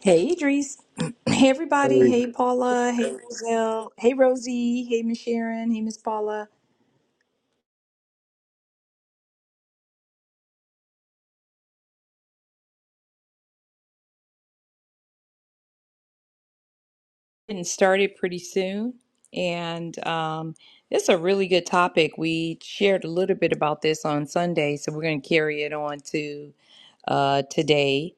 Hey, Idris. Hey, everybody. Hey, Hey, Paula. Hey, Roselle. Hey, Rosie. Hey, Miss Sharon. Hey, Miss Paula. Getting started pretty soon. And um, this is a really good topic. We shared a little bit about this on Sunday, so we're going to carry it on to uh, today.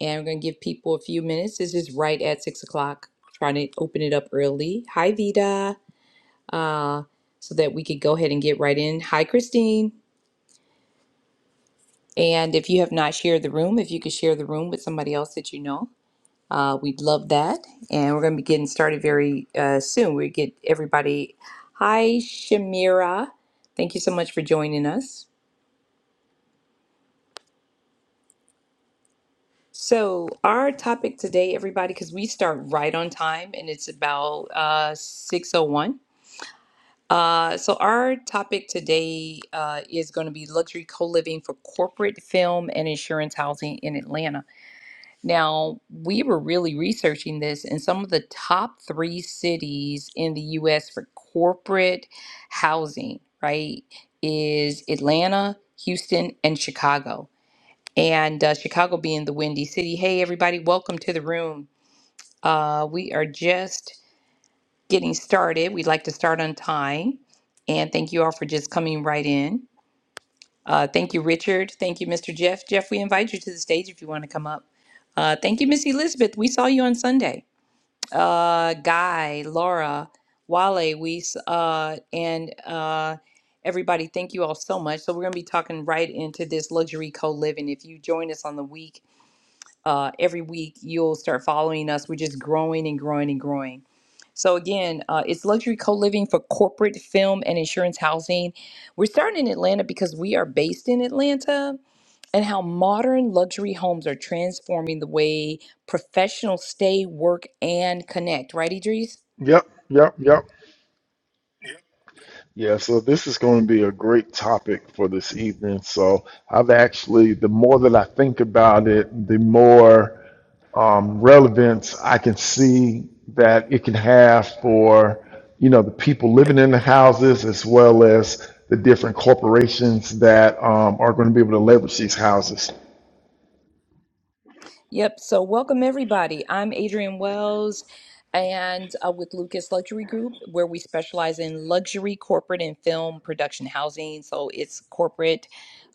And we're going to give people a few minutes. This is right at six o'clock. Trying to open it up early. Hi, Vida. Uh, so that we could go ahead and get right in. Hi, Christine. And if you have not shared the room, if you could share the room with somebody else that you know, uh, we'd love that. And we're going to be getting started very uh, soon. We get everybody. Hi, Shamira. Thank you so much for joining us. So, our topic today, everybody, because we start right on time and it's about uh, 6.01. Uh, so, our topic today uh, is going to be luxury co living for corporate film and insurance housing in Atlanta. Now, we were really researching this, and some of the top three cities in the US for corporate housing, right, is Atlanta, Houston, and Chicago. And uh, Chicago being the Windy City. Hey, everybody, welcome to the room. Uh, we are just getting started. We'd like to start on time. And thank you all for just coming right in. Uh, thank you, Richard. Thank you, Mr. Jeff. Jeff, we invite you to the stage if you want to come up. Uh, thank you, Miss Elizabeth. We saw you on Sunday. Uh, Guy, Laura, Wale, we s- uh, and uh, everybody. Thank you all so much. So we're going to be talking right into this luxury co-living. If you join us on the week, uh, every week you'll start following us. We're just growing and growing and growing. So again, uh, it's luxury co-living for corporate film and insurance housing we're starting in Atlanta because we are based in Atlanta and how modern luxury homes are transforming the way professionals stay, work, and connect. Right, Idris? Yep, yep, yep. Yeah, so this is going to be a great topic for this evening. So I've actually, the more that I think about it, the more um, relevance I can see that it can have for, you know, the people living in the houses as well as the different corporations that um, are going to be able to leverage these houses. Yep. So, welcome everybody. I'm Adrienne Wells, and uh, with Lucas Luxury Group, where we specialize in luxury corporate and film production housing. So, it's corporate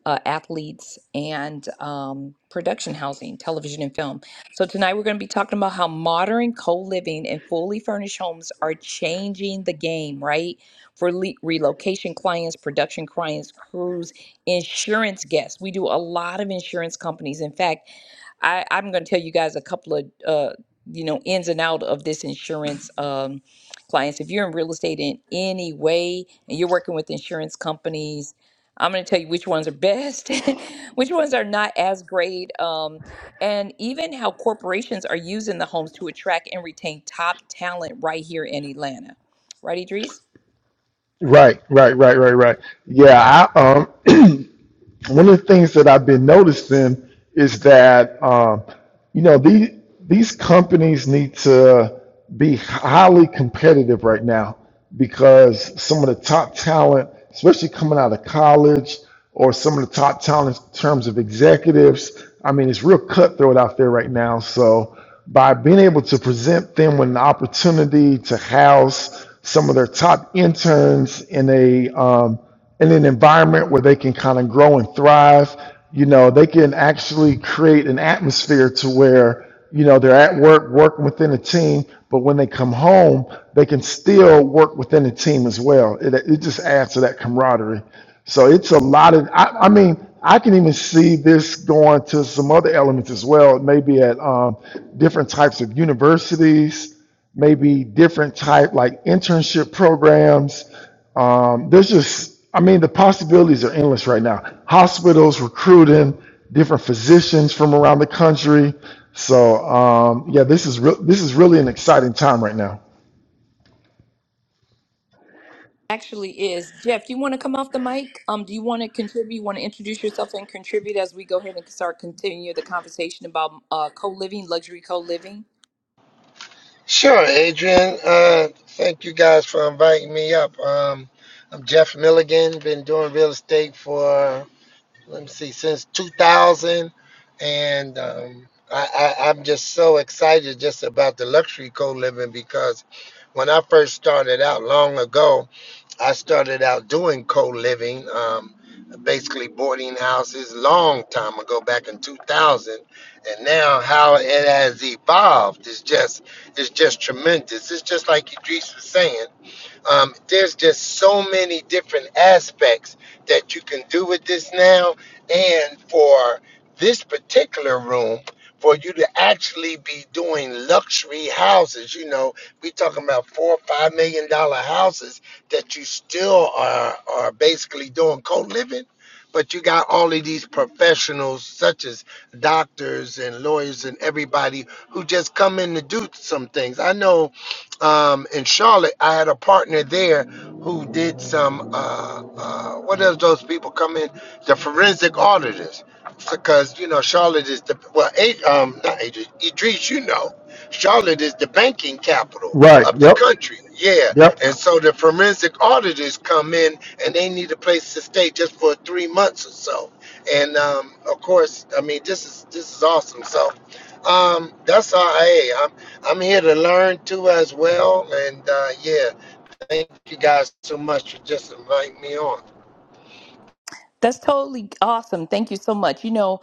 uh, athletes, and um, production housing, television and film. So tonight we're going to be talking about how modern co-living and fully furnished homes are changing the game, right? For le- relocation clients, production clients, crews, insurance guests. We do a lot of insurance companies. In fact, I, I'm going to tell you guys a couple of uh, you know ins and out of this insurance um, clients. If you're in real estate in any way and you're working with insurance companies, I'm going to tell you which ones are best, which ones are not as great, um, and even how corporations are using the homes to attract and retain top talent right here in Atlanta. Right, Idris? Right, right, right, right, right. Yeah, one of the things that I've been noticing is that um, you know these these companies need to be highly competitive right now because some of the top talent, especially coming out of college, or some of the top talent in terms of executives. I mean, it's real cutthroat out there right now. So by being able to present them with an opportunity to house some of their top interns in a um, in an environment where they can kind of grow and thrive. You know, they can actually create an atmosphere to where, you know, they're at work, working within a team, but when they come home, they can still work within a team as well. It, it just adds to that camaraderie. So it's a lot of, I, I mean, I can even see this going to some other elements as well, maybe at um, different types of universities, maybe different type like internship programs um, there's just, I mean, the possibilities are endless right now. Hospitals recruiting different physicians from around the country. So um, yeah, this is re- this is really an exciting time right now. actually is. Jeff, do you want to come off the mic? Um, do you want to contribute? You want to introduce yourself and contribute as we go ahead and start continue the conversation about uh, co living, luxury co living? Sure, Adrian. Uh, thank you guys for inviting me up. Um, I'm Jeff Milligan. Been doing real estate for let me see since 2000, and um, I, I, I'm just so excited just about the luxury co-living because when I first started out long ago. I started out doing co-living, um, basically boarding houses, long time ago, back in 2000, and now how it has evolved is just is just tremendous. It's just like Idris was saying. Um, there's just so many different aspects that you can do with this now. And for this particular room, for you to actually be doing luxury houses, you know, we talking about four or five million dollar houses that you still are are basically doing co-living, but you got all of these professionals such as doctors and lawyers and everybody who just come in to do some things. I know um, in Charlotte, I had a partner there who did some. Uh, uh, what does those people come in? The forensic auditors, because you know Charlotte is the well, A- um, not Adrian, Idris, you know, Charlotte is the banking capital Right. of the Yep. country. Yeah, Yep. and so the forensic auditors come in and they need a place to stay just for three months or so. And um, of course, I mean this is this is awesome. So um, that's RIA. I'm here to learn too as well. And uh, yeah, thank you guys so much for just inviting me on. That's totally awesome. Thank you so much. You know,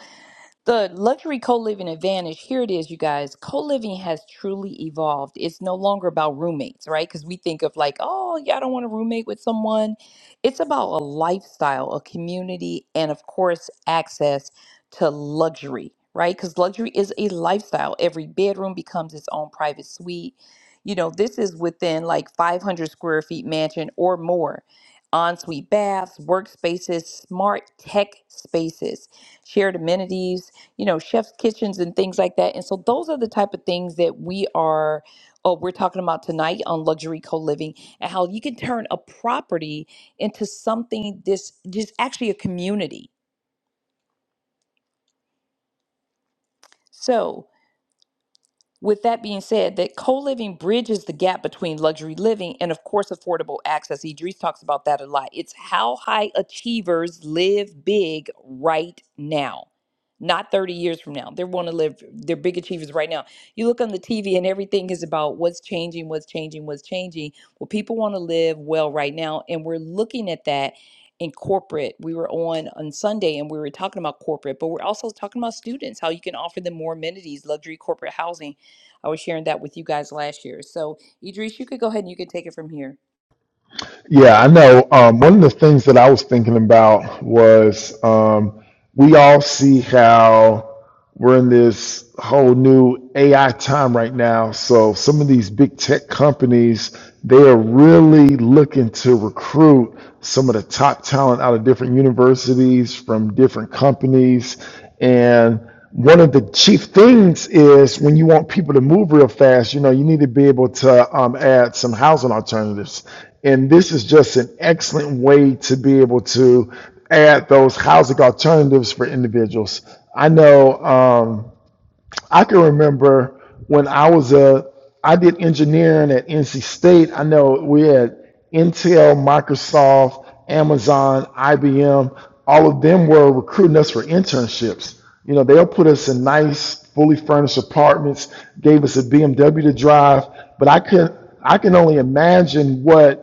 The luxury co living advantage, here it is, you guys. Co living has truly evolved. It's no longer about roommates, right? Because we think of like, oh, yeah, I don't want to roommate with someone. It's about a lifestyle, a community, and of course, access to luxury, right? Because luxury is a lifestyle. Every bedroom becomes its own private suite. You know, this is within like 500 square feet mansion or more, ensuite baths, workspaces, smart tech spaces shared amenities, you know, chef's kitchens and things like that. And so those are the type of things that we are uh, we're talking about tonight on luxury co-living and how you can turn a property into something this just actually a community. So With that being said, that co-living bridges the gap between luxury living and of course affordable access. Idris talks about that a lot. It's how high achievers live big right now. Not 30 years from now. They want to live they're big achievers right now. You look on the TV and everything is about what's changing, what's changing, what's changing. Well, people want to live well right now and we're looking at that in corporate. We were on on Sunday and we were talking about corporate, but we're also talking about students, how you can offer them more amenities, luxury corporate housing I was sharing that with you guys last year. So, Idris, you could go ahead and you could take it from here. Yeah, I know. Um, one of the things that I was thinking about was um, we all see how. we're in this whole new AI time right now. So some of these big tech companies, they are really looking to recruit some of the top talent out of different universities from different companies. And one of the chief things is when you want people to move real fast, you know, you need to be able to um, add some housing alternatives. And this is just an excellent way to be able to add those housing alternatives for individuals. I know um, I can remember when I was a I did engineering at NC State. I know we had Intel, Microsoft, Amazon, IBM. All of them were recruiting us for internships. You know, they'll put us in nice, fully furnished apartments, gave us a BMW to drive, but I could I can only imagine what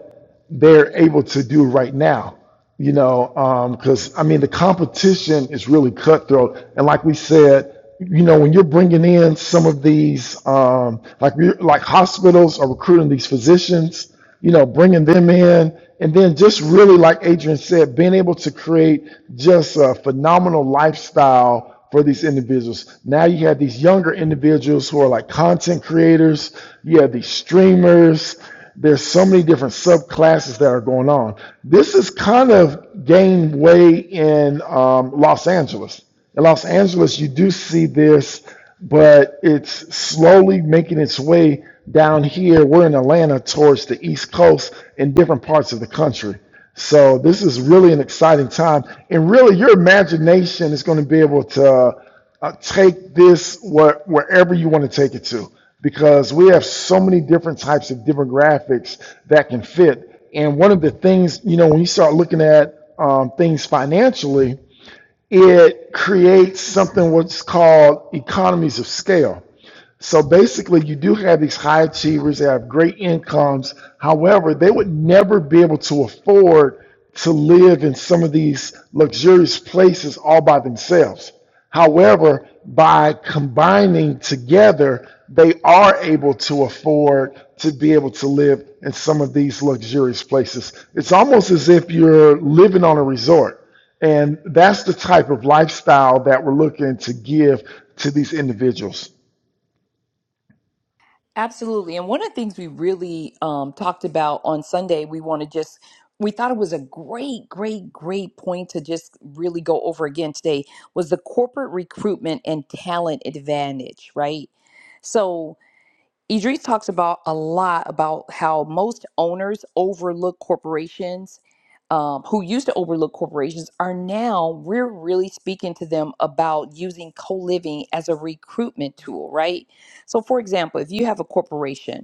they're able to do right now. You know, because um, I mean, the competition is really cutthroat. And like we said, you know, when you're bringing in some of these, um, like like hospitals are recruiting these physicians, you know, bringing them in, and then just really, like Adrian said, being able to create just a phenomenal lifestyle for these individuals. Now you have these younger individuals who are like content creators, you have these streamers. There's so many different subclasses that are going on. This is kind of gained way in um, Los Angeles. In Los Angeles, you do see this, but it's slowly making its way down here. We're in Atlanta towards the East Coast in different parts of the country. So this is really an exciting time, and really your imagination is going to be able to uh, take this where, wherever you want to take it to, because we have so many different types of demographics that can fit. And one of the things, you know, when you start looking at um, things financially, it creates something what's called economies of scale so basically, you do have these high achievers that have great incomes. However, they would never be able to afford to live in some of these luxurious places all by themselves. However, by combining together, they are able to afford to be able to live in some of these luxurious places. It's almost as if you're living on a resort. And that's the type of lifestyle that we're looking to give to these individuals. Absolutely. And one of the things we really um, talked about on Sunday, we want to just, we thought it was a great, great, great point to just really go over again today was the corporate recruitment and talent advantage, right? So, Idris talks about a lot about how most owners overlook corporations um, who used to overlook corporations are now we're really speaking to them about using co-living as a recruitment tool right so for example if you have a corporation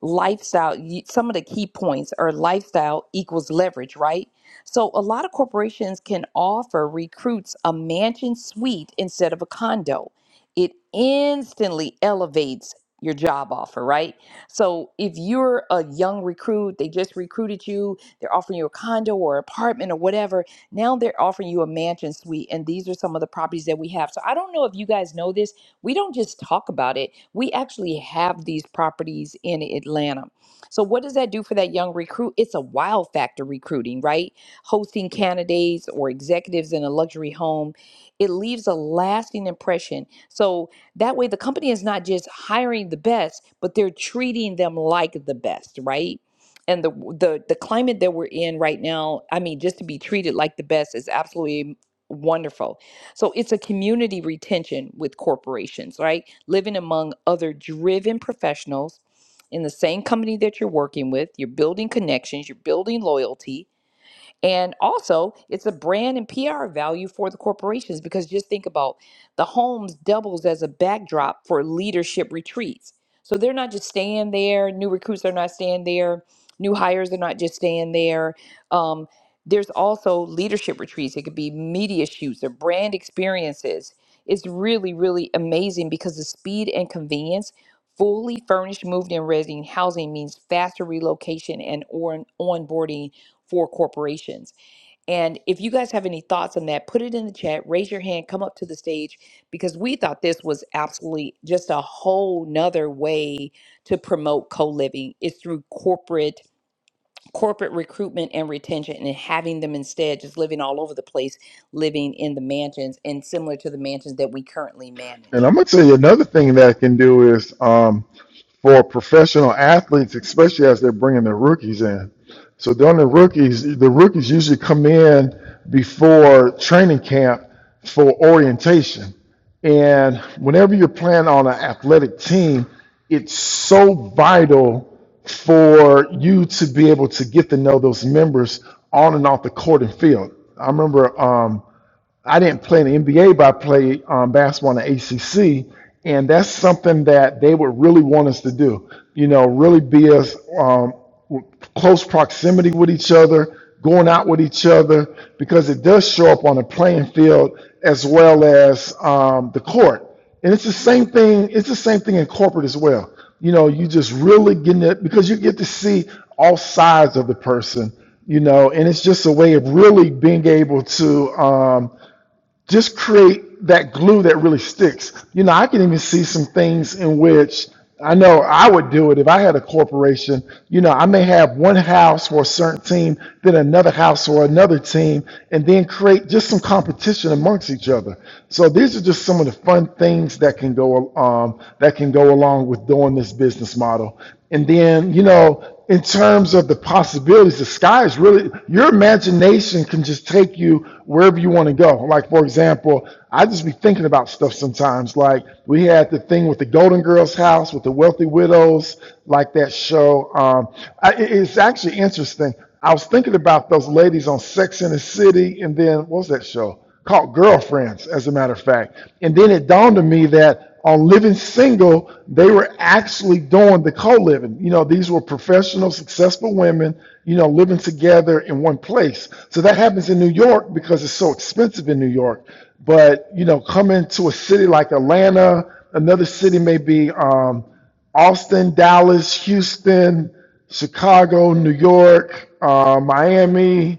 lifestyle you- some of the key points are lifestyle equals leverage right so a lot of corporations can offer recruits a mansion suite instead of a condo it instantly elevates your job offer right so if you're a young recruit they just recruited you they're offering you a condo or apartment or whatever now they're offering you a mansion suite and these are some of the properties that we have so i don't know if you guys know this we don't just talk about it, we actually have these properties in Atlanta. So, what does that do for that young recruit? It's a wow factor recruiting, right? Hosting candidates or executives in a luxury home, it leaves a lasting impression. So, that way the company is not just hiring the best, but they're treating them like the best, right? And the, the the climate that we're in right now, I mean, just to be treated like the best is absolutely wonderful so it's a community retention with corporations, right? Living among other driven professionals in the same company that you're working with, you're building connections, you're building loyalty, and also, it's a brand and PR value for the corporations because just think about the homes doubles as a backdrop for leadership retreats. So they're not just staying there, new recruits are not staying there, new hires are not just staying there. Um, there's also leadership retreats, it could be media shoots or brand experiences. It's really, really amazing because the speed and convenience. Fully furnished, moved, and resident housing means faster relocation and on- onboarding for corporations. And if you guys have any thoughts on that, put it in the chat, raise your hand, come up to the stage, because we thought this was absolutely just a whole nother way to promote co-living is through corporate corporate recruitment and retention and having them instead just living all over the place, living in the mansions and similar to the mansions that we currently manage. And I'm gonna tell you another thing that it can do is um, for professional athletes, especially as they're bringing their rookies in. So during the rookies, the rookies usually come in before training camp for orientation. And whenever you're playing on an athletic team, it's so vital for you to be able to get to know those members on and off the court and field. I remember um, I didn't play in the NBA, but I played um, basketball in the ACC, and that's something that they would really want us to do. You know, really be us um, close proximity with each other, going out with each other, because it does show up on the playing field as well as um, the court. And it's the same thing. It's the same thing in corporate as well. You know, you just really getting it because you get to see all sides of the person. You know, and it's just a way of really being able to. um, just create that glue that really sticks. You know, I can even see some things in which I know I would do it if I had a corporation. You know, I may have one house for a certain team, then another house for another team, and then create just some competition amongst each other. So these are just some of the fun things that can go um, that can go along with doing this business model. And then, you know, in terms of the possibilities, the sky is really your imagination can just take you wherever you want to go. Like for example, I just be thinking about stuff sometimes. Like we had the thing with the Golden Girls house with the wealthy widows, like that show. Um, I, it's actually interesting. I was thinking about those ladies on Sex and the City, and then what was that show? called Girlfriends, as a matter of fact. And then it dawned on me that on Living Single, they were actually doing the co living. You know, these were professional, successful women, you know, living together in one place. So that happens in New York because it's so expensive in New York. But, you know, coming to a city like Atlanta, another city may be um, Austin, Dallas, Houston, Chicago, New York, uh, Miami,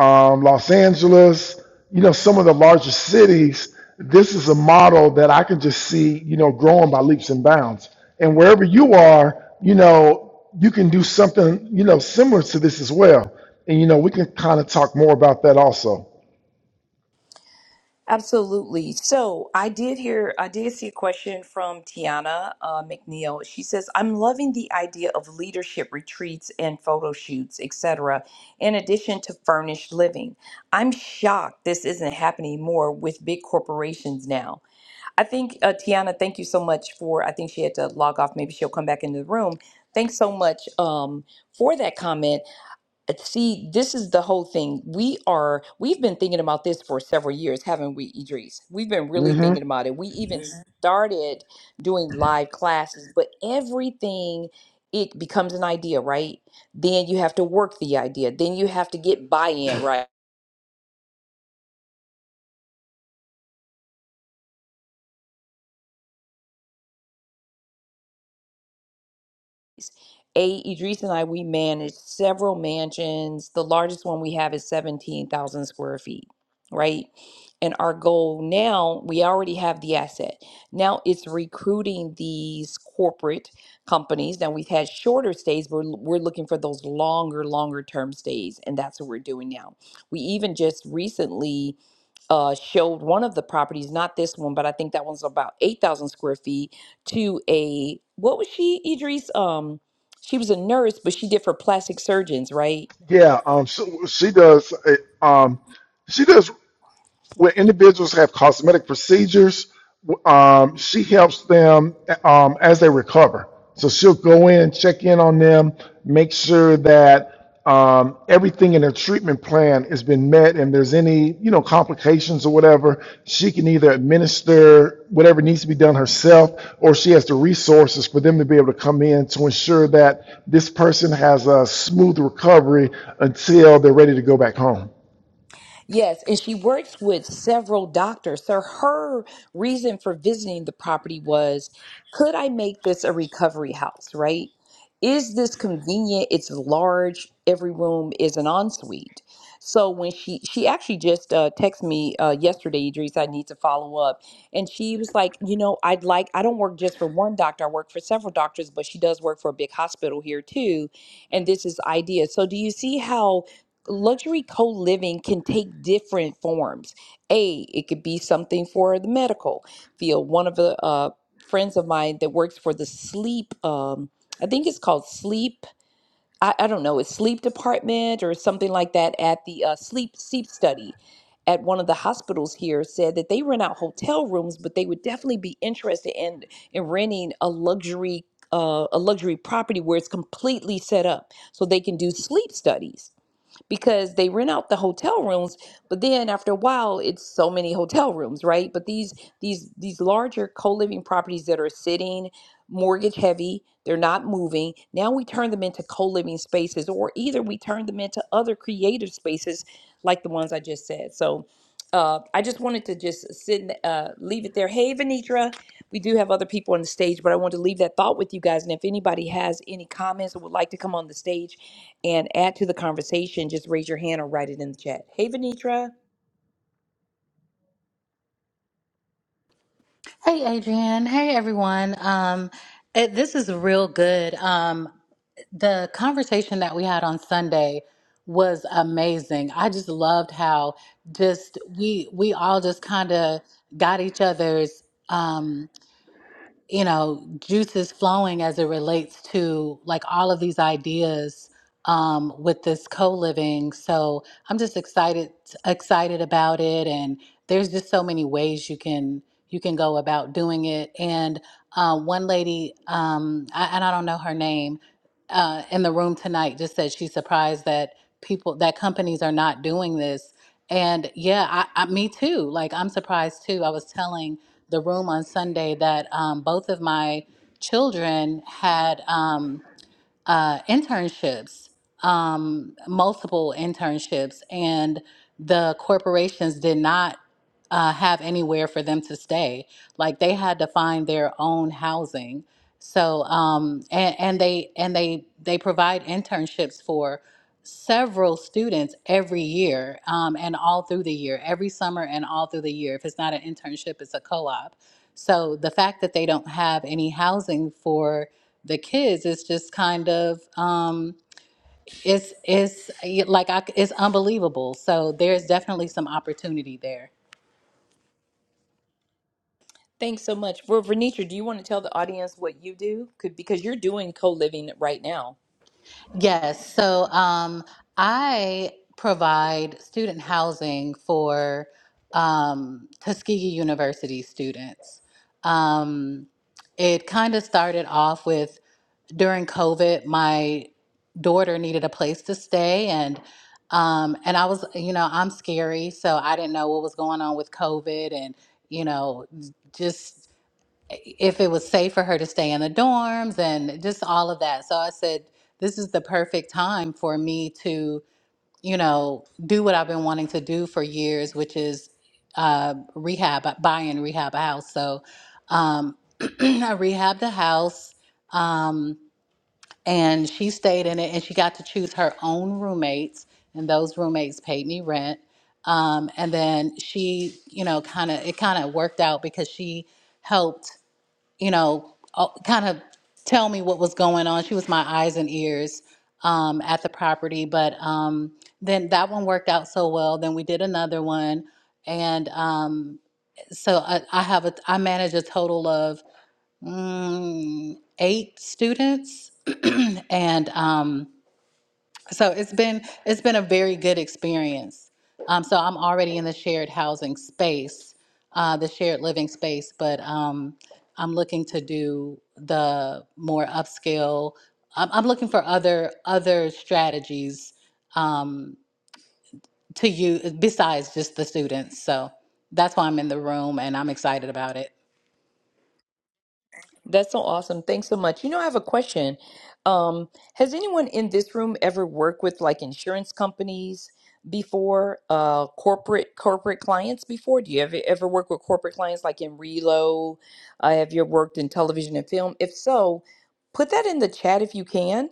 um, Los Angeles, you know, some of the larger cities, this is a model that I can just see, you know, growing by leaps and bounds. And wherever you are, you know, you can do something, you know, similar to this as well. And, you know, we can kind of talk more about that also. Absolutely. So I did hear, I did see a question from Tiana uh, McNeil. She says, "I'm loving the idea of leadership retreats and photo shoots, etc. In addition to furnished living, I'm shocked this isn't happening more with big corporations now." I think uh, Tiana, thank you so much for. I think she had to log off. Maybe she'll come back into the room. Thanks so much um, for that comment See, this is the whole thing. We are, we've been thinking about this for several years, haven't we, Idris? We've been really hmm thinking about it. We even Mhm. started doing live classes, but everything, it becomes an idea, right? Then you have to work the idea. Then you have to get buy-in, right? A, Idris and I, we manage several mansions. The largest one we have is 17,000 square feet, right? And our goal now, we already have the asset. Now it's recruiting these corporate companies. Now we've had shorter stays, but we're we're looking for those longer, longer term stays. And that's what we're doing now. We even just recently uh, showed one of the properties, not this one, but I think that one's about 8,000 square feet, to a, what was she, Idris? Um, she was a nurse, but she did for plastic surgeons, right? Yeah. Um, so she does, uh, um, she does where individuals have cosmetic procedures. Um, she helps them um, as they recover. So she'll go in, check in on them, make sure that um, everything in their treatment plan has been met, and there's any you know complications or whatever. She can either administer whatever needs to be done herself, or she has the resources for them to be able to come in to ensure that this person has a smooth recovery until they're ready to go back home. Yes, and she works with several doctors. So her reason for visiting the property was could I make this a recovery house, right? Is this convenient? It's large. Every room is an ensuite. So when she she actually just uh, texted me uh, yesterday, Idris, I need to follow up, and she was like, you know, I'd like I don't work just for one doctor. I work for several doctors, but she does work for a big hospital here too, and this is idea. So do you see how? luxury co-living can take different forms a it could be something for the medical field one of the uh, friends of mine that works for the sleep um, i think it's called sleep I, I don't know it's sleep department or something like that at the uh, sleep sleep study at one of the hospitals here said that they rent out hotel rooms but they would definitely be interested in in renting a luxury uh, a luxury property where it's completely set up so they can do sleep studies because they rent out the hotel rooms but then after a while it's so many hotel rooms right but these these these larger co-living properties that are sitting mortgage heavy they're not moving now we turn them into co-living spaces or either we turn them into other creative spaces like the ones i just said so uh, I just wanted to just sit and uh, leave it there. Hey, Venitra, we do have other people on the stage, but I want to leave that thought with you guys. And if anybody has any comments or would like to come on the stage, and add to the conversation, just raise your hand or write it in the chat. Hey, Venitra, Hey, Adrian. Hey, everyone. Um, it, this is real good. Um, the conversation that we had on Sunday was amazing. I just loved how just we we all just kind of got each other's. Um, you know juices flowing as it relates to like all of these ideas um, with this co-living so i'm just excited excited about it and there's just so many ways you can you can go about doing it and uh, one lady um, I, and i don't know her name uh, in the room tonight just said she's surprised that people that companies are not doing this and yeah I, I me too like i'm surprised too i was telling the room on Sunday that um, both of my children had um, uh, internships, um, multiple internships, and the corporations did not uh, have anywhere for them to stay. Like they had to find their own housing. So um, and, and they and they they provide internships for several students every year um, and all through the year, every summer and all through the year. If it's not an internship, it's a co-op so the fact that they don't have any housing for the kids is just kind of um, it's it's y- like I, it's unbelievable. So there's definitely some opportunity there. thanks so much. For Venitra, do you want to tell the audience what you do? Could because you're doing co living right now. Yes. So um, I provide student housing for um, Tuskegee University students. Um, it kind of started off with during COVID, my daughter needed a place to stay and um and I was, you know, I'm scary, so I didn't know what was going on with COVID and, you know, just if it was safe for her to stay in the dorms and just all of that. So I said, this is the perfect time for me to, you know, do what I've been wanting to do for years, which is uh rehab, buy and rehab a house. So um I rehabbed the house. Um and she stayed in it and she got to choose her own roommates and those roommates paid me rent um, and then she you know kind of it kind of worked out because she helped you know kind of tell me what was going on she was my eyes and ears um, at the property but um, then that one worked out so well then we did another one and um, so I, I have a i manage a total of mm, eight students, and um, so it's been it's been a very good experience. Um, so I'm already in the shared housing space, uh, the shared living space, but um, I'm looking to do the more upscale. I'm, I'm looking for other other strategies um, to use besides just the students. So that's why I'm in the room, and I'm excited about it. That's so awesome. Thanks so much. You know, I have a question. Um, has anyone in this room ever worked with like insurance companies before, uh, corporate corporate clients before? Do you ever ever work with corporate clients like in Relo? Uh, have you worked in television and film? If so, put that in the chat if you can,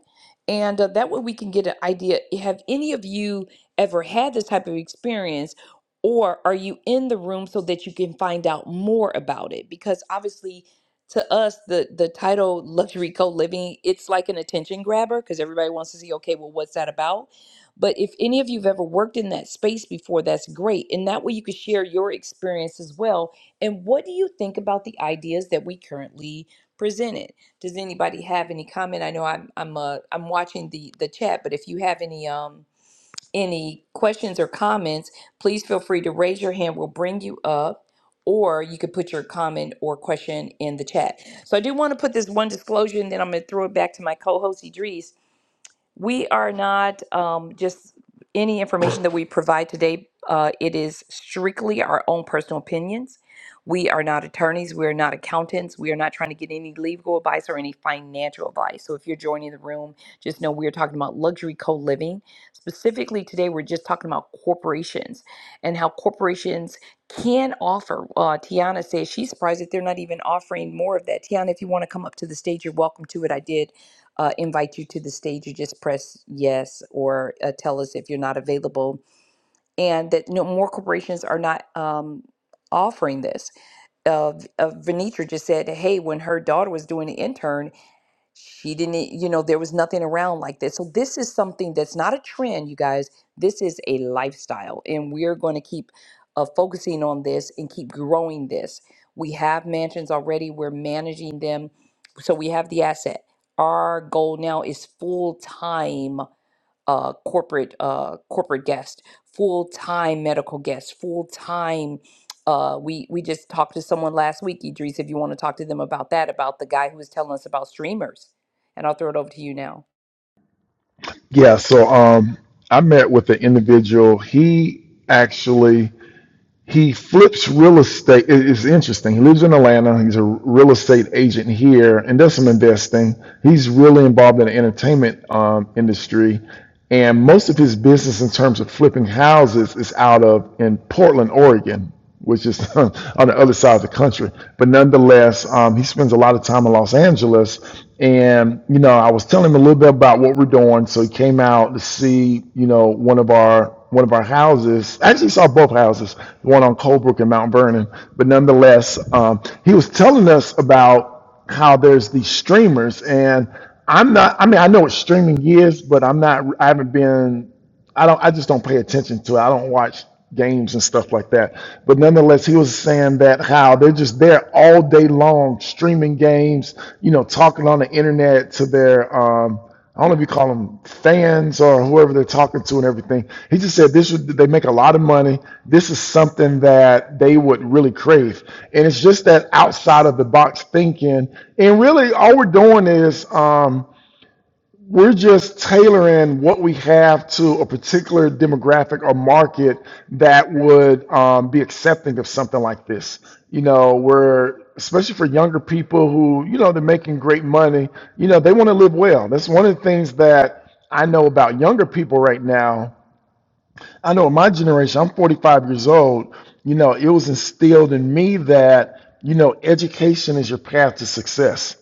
and uh, that way we can get an idea. Have any of you ever had this type of experience? Or are you in the room so that you can find out more about it? Because obviously, to us the the title luxury co-living it's like an attention grabber because everybody wants to see okay well what's that about but if any of you've ever worked in that space before that's great and that way you could share your experience as well and what do you think about the ideas that we currently presented does anybody have any comment i know i'm i'm uh, i'm watching the the chat but if you have any um any questions or comments, please feel free to raise your hand. We'll bring you up, or you could put your comment or question in the chat. So I do want to put this one disclosure, and then I'm going to throw it back to my co-host Idris. We are not um, just any information that we provide today. Uh, it is strictly our own personal opinions. We are not attorneys. We are not accountants. We are not trying to get any legal advice or any financial advice. So if you're joining the room, just know we are talking about luxury co living. Specifically today, we're just talking about corporations and how corporations can offer. Uh, Tiana says she's surprised that they're not even offering more of that. Tiana, if you want to come up to the stage, you're welcome to it. I did uh, invite you to the stage, you just press yes or uh, tell us if you're not available. And that no more corporations are not um, offering this. Uh, uh, Venetra just said, hey, when her daughter was doing an intern, she didn't, e, you know, there was nothing around like this. So this is something that's not a trend, you guys. This is a lifestyle, and we're going to keep uh, focusing on this and keep growing this. We have mansions already. We're managing them, so we have the asset. Our goal now is full time uh, corporate uh, corporate guest, full time medical guest, full time. Uh, we we just talked to someone last week, Idris. If you want to talk to them about that, about the guy who was telling us about streamers, and I'll throw it over to you now. Yeah, so um, I met with an individual. He actually he flips real estate. It- It's interesting. He lives in Atlanta. He's a real estate agent here and does some investing. He's really involved in the entertainment um, industry. And most of his business in terms of flipping houses is out of in Portland, Oregon, which is on the other side of the country. But nonetheless, um, he spends a lot of time in Los Angeles. And, you know, I was telling him a little bit about what we're doing. So he came out to see, you know, one of our one of our houses. I Actually, saw both houses, the one on Colebrook and Mount Vernon. But nonetheless, um, he was telling us about how there's these streamers, and I'm not. I mean, I know what streaming is, but I'm not. I haven't been. I don't. I just don't pay attention to it. I don't watch games and stuff like that. But nonetheless, he was saying that how they're just there all day long streaming games, you know, talking on the internet to their um, I don't know if you call them fans or whoever they're talking to and everything. He just said this would they make a lot of money. This is something that they would really crave, and it's just that outside of the box thinking. And really, all we're doing is. Um, we're just tailoring what we have to a particular demographic or market that would um, be accepting of something like this. You know, we're especially for younger people who, you know, they're making great money, you know, they want to live well. That's one of the things that I know about younger people right now. I know in my generation, I'm 45 years old, you know, it was instilled in me that, you know, education is your path to success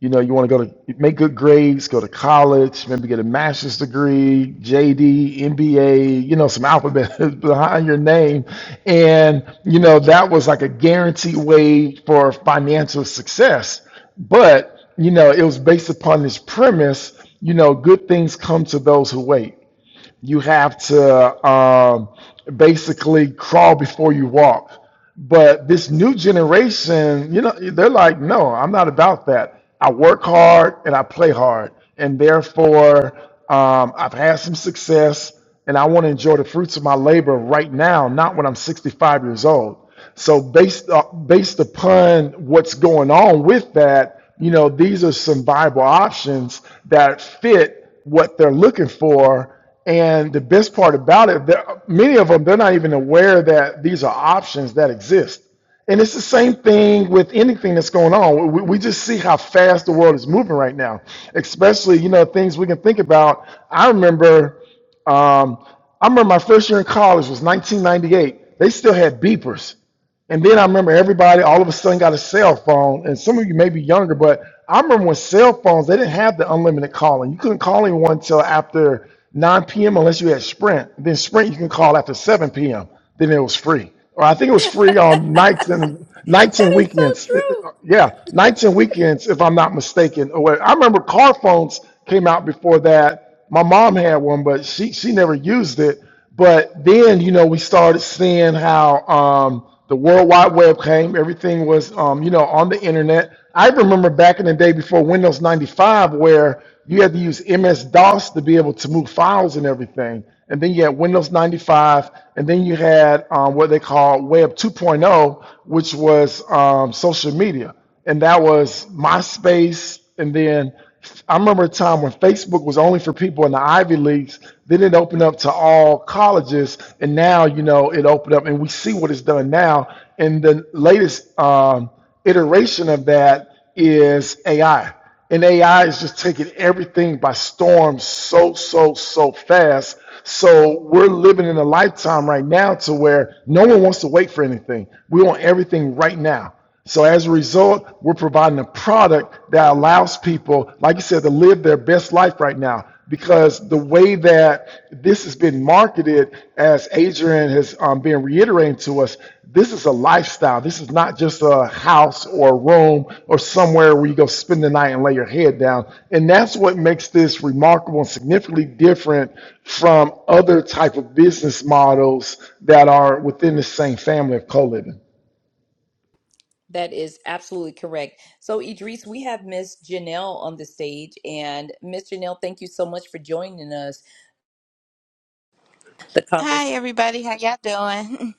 you know, you want to go to make good grades, go to college, maybe get a master's degree, JD, MBA, you know, some alphabet behind your name. And, you know, that was like a guaranteed way for financial success. But, you know, it was based upon this premise, you know, good things come to those who wait you have to um, basically crawl before you walk. But this new generation, you know, they're like, no, I'm not about that. I work hard and I play hard, and therefore um, I've had some success, and I want to enjoy the fruits of my labor right now, not when I'm 65 years old. So based uh, based upon what's going on with that, you know, these are some viable options that fit what they're looking for and the best part about it, there, many of them, they're not even aware that these are options that exist. And it's the same thing with anything that's going on. We, we just see how fast the world is moving right now, especially, you know, things we can think about. I remember, um, I remember my first year in college was 1998. They still had beepers. And then I remember everybody all of a sudden got a cell phone. And some of you may be younger, but I remember when cell phones, they didn't have the unlimited calling. You couldn't call anyone until after 9 p.m. unless you had Sprint. Then Sprint you can call after 7 p.m. Then it was free. Or I think it was free on nights and nights That and is so weekends. Uh, true. uh, Yeah, nights and weekends, if I'm not mistaken. I remember car phones came out before that. My mom had one, but she she never used it. But then, you know, we started seeing how um, the World Wide Web came. Everything was, um, you know, on the internet. I remember back in the day before Windows 95, where you had to use MS DOS to be able to move files and everything. And then you had Windows 95, and then you had um, what they call Web 2.0, which was um, social media and that was MySpace. And then I remember a time when Facebook was only for people in the Ivy Leagues. Then it opened up to all colleges, and now you know it opened up, and we see what it's done now. And the latest um, iteration of that is AI, and AI is just taking everything by storm so so so fast. So we're living in a lifetime right now to where no one wants to wait for anything. We want everything right now. So as a result, we're providing a product that allows people, like you said, to live their best life right now. Because the way that this has been marketed, as Adrian has um, been reiterating to us, this is a lifestyle. This is not just a house or a room or somewhere where you go spend the night and lay your head down. And that's what makes this remarkable and significantly different from other type of business models that are within the same family of co-living. That is absolutely correct. So, Idris, we have Miss Janelle on the stage, and Miss Janelle, thank you so much for joining us. The conversation. Hi everybody, how y'all doing?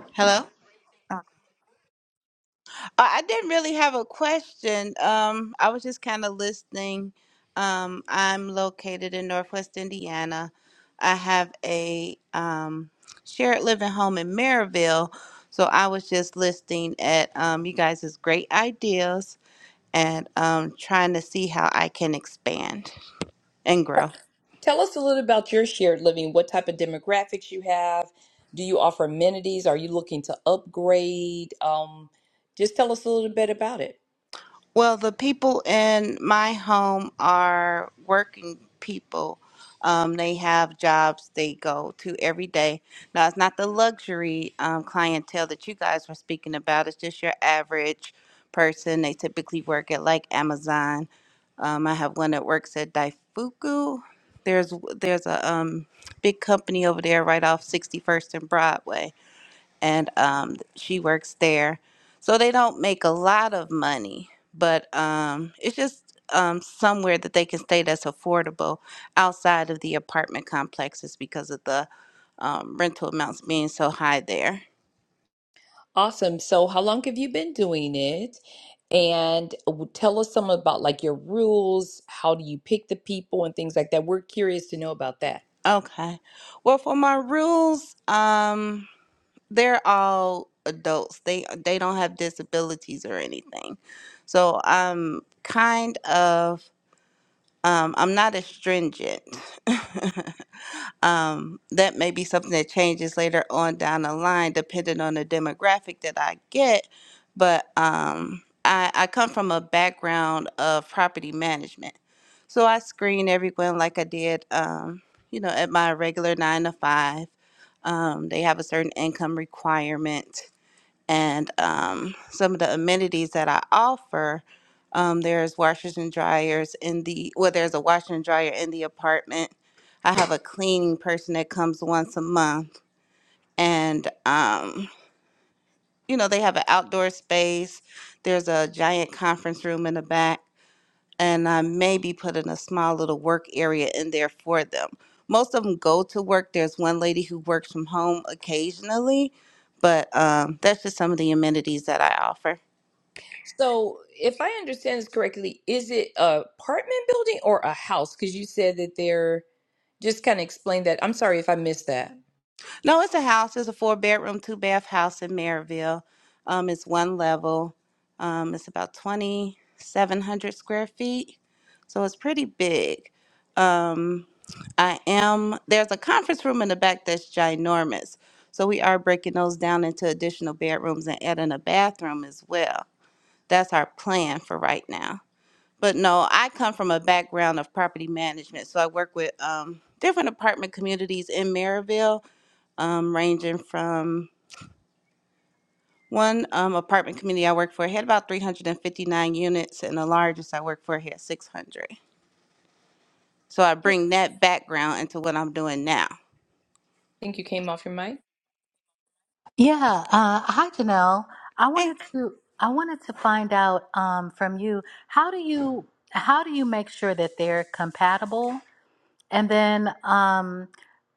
Hello. Uh, I didn't really have a question. Um, I was just kind of listening. Um, I'm located in Northwest Indiana. I have a um, shared living home in Maryville, so I was just listening at um, you guys' great ideas and um, trying to see how I can expand and grow. Tell us a little about your shared living. What type of demographics you have? Do you offer amenities? Are you looking to upgrade? Um, just tell us a little bit about it. Well, the people in my home are working people. Um, they have jobs they go to every day. Now, it's not the luxury um, clientele that you guys were speaking about. It's just your average person. They typically work at like Amazon. Um, I have one that works at Daifuku. There's there's a um, big company over there right off 61st and Broadway and um, she works there. So they don't make a lot of money, but um, it's just um, somewhere that they can stay that's affordable outside of the apartment complexes because of the um, rental amounts being so high there. Awesome. So, how long have you been doing it? And w- tell us some about like your rules. How do you pick the people and things like that? We're curious to know about that. Okay. Well, for my rules, um, they're all adults. They they don't have disabilities or anything. So I'm kind of Um, I'm not as stringent. um, that may be something that changes later on down the line, depending on the demographic that I get. But um, I, I come from a background of property management. So I screen everyone like I did, um, you know, at my regular nine to five. Um, they have a certain income requirement and um, some of the amenities that I offer. Um, there's washers and dryers in the well, there's a washer and dryer in the apartment. I have a cleaning person that comes once a month, and um, you know they have an outdoor space. There's a giant conference room in the back, and I maybe put in a small little work area in there for them. Most of them go to work. There's one lady who works from home occasionally, but um, that's just some of the amenities that I offer. So, if I understand this correctly, is it a apartment building or a house? Because you said that they're just kind of explain that. I'm sorry if I missed that. No, it's a house. It's a four bedroom, two bath house in Maryville. Um, it's one level. Um, it's about 2,700 square feet. So it's pretty big. Um, I am, there's a conference room in the back that's ginormous. So we are breaking those down into additional bedrooms and adding a bathroom as well. That's our plan for right now. But no, I come from a background of property management. So I work with um, different apartment communities in Maryville um, ranging from one um, apartment community I worked for had about 359 units, and the largest I worked for had 600. So I I bring that background into what I'm doing now. think you came off your mic. Yeah. Uh, hi, Janelle. I Okay. wanted to I wanted to find out um, from you how do you how do you make sure that they're compatible, and then um,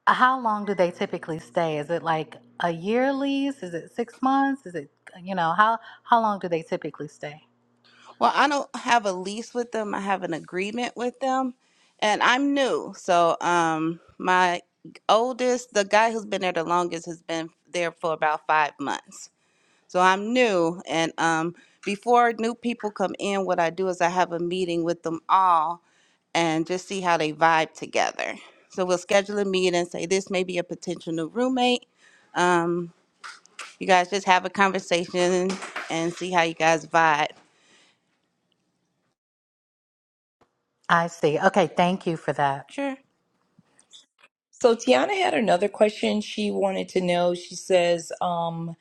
how long do they typically stay? Is it like a year lease? Is it six months? Is it you know how how long do they typically stay? Well, I don't have a lease with them. I have an agreement with them, and I'm new. So um, my oldest, the guy who's been there the longest, has been there for about five months. So I'm new, and um, before new people come in, what I do is I have a meeting with them all and just see how they vibe together. So we'll schedule a meeting and say this may be a potential new roommate. Um, you guys just have a conversation and see how you guys vibe. I see. Okay, thank you for that. Sure. So Tiana had another question she wanted to know. She says, um,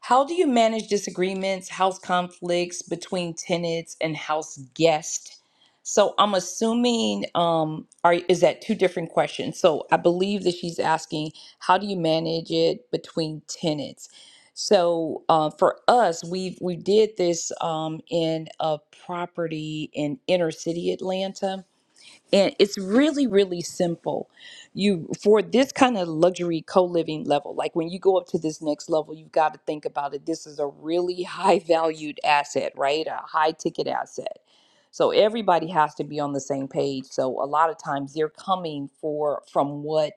how do you manage disagreements, house conflicts between tenants and house guests? So I'm assuming um are is that two different questions? So I believe that she's asking how do you manage it between tenants? So uh, for us, we we did this um, in a property in inner city Atlanta and it's really really simple you for this kind of luxury co-living level like when you go up to this next level you've got to think about it this is a really high valued asset right a high ticket asset so everybody has to be on the same page so a lot of times they're coming for from what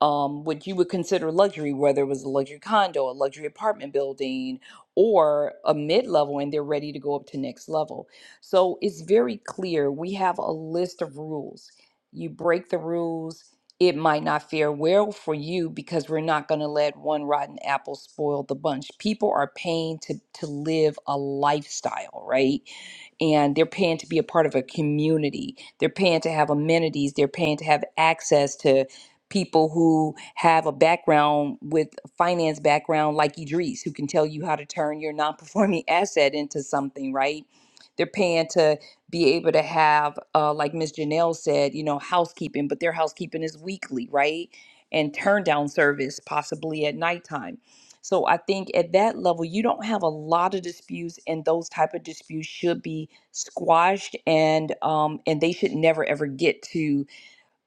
um, what you would consider luxury, whether it was a luxury condo, a luxury apartment building, or a mid level, and they're ready to go up to next level. So it's very clear. We have a list of rules. You break the rules, it might not fare well for you because we're not going to let one rotten apple spoil the bunch. People are paying to, to live a lifestyle, right? And they're paying to be a part of a community. They're paying to have amenities. They're paying to have access to people who have a background with finance background like Idris who can tell you how to turn your non-performing asset into something right they're paying to be able to have uh, like Ms. Janelle said you know housekeeping but their housekeeping is weekly right and turn down service possibly at nighttime so I think at that level you don't have a lot of disputes and those type of disputes should be squashed and um, and they should never ever get to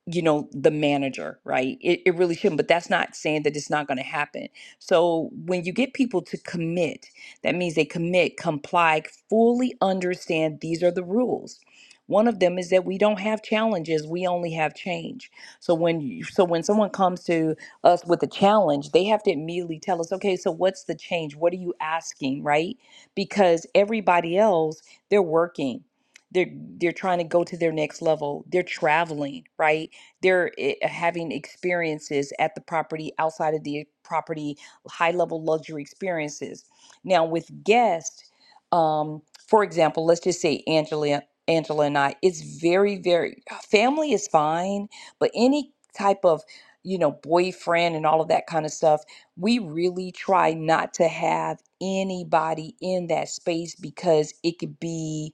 you know the manager right it, it really shouldn't but that's not saying that it's not going to happen so when you get people to commit that means they commit comply fully understand these are the rules one of them is that we don't have challenges we only have change so when you, so when someone comes to us with a challenge they have to immediately tell us okay so what's the change what are you asking right because everybody else they're working they're they're trying to go to their next level they're traveling right they're eh, having experiences at the property, outside of the property, high level luxury experiences. Now, with guests, um, for example, let's just say Angela, Angela and I, it's very, very family is fine, but any type of you know boyfriend and all of that kind of stuff we really try not to have anybody in that space because it could be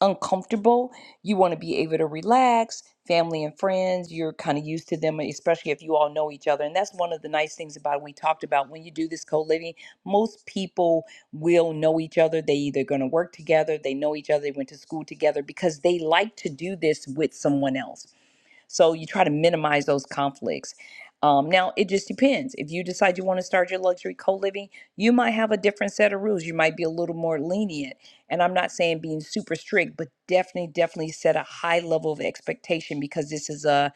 uncomfortable you want to be able to relax, family and friends, you're kind of used to them, especially if you all know each other. And that's one of the nice things about it. We talked about when you do this co living, most people will know each other. They either going to work together, they know each other, they went to school together because they like to do this with someone else so you try to minimize those conflicts. Um, now, it just depends. If you decide you want to start your luxury co living, you might have a different set of rules. You might be a little more lenient. And I'm not saying being super strict, but definitely, definitely set a high level of expectation because this is a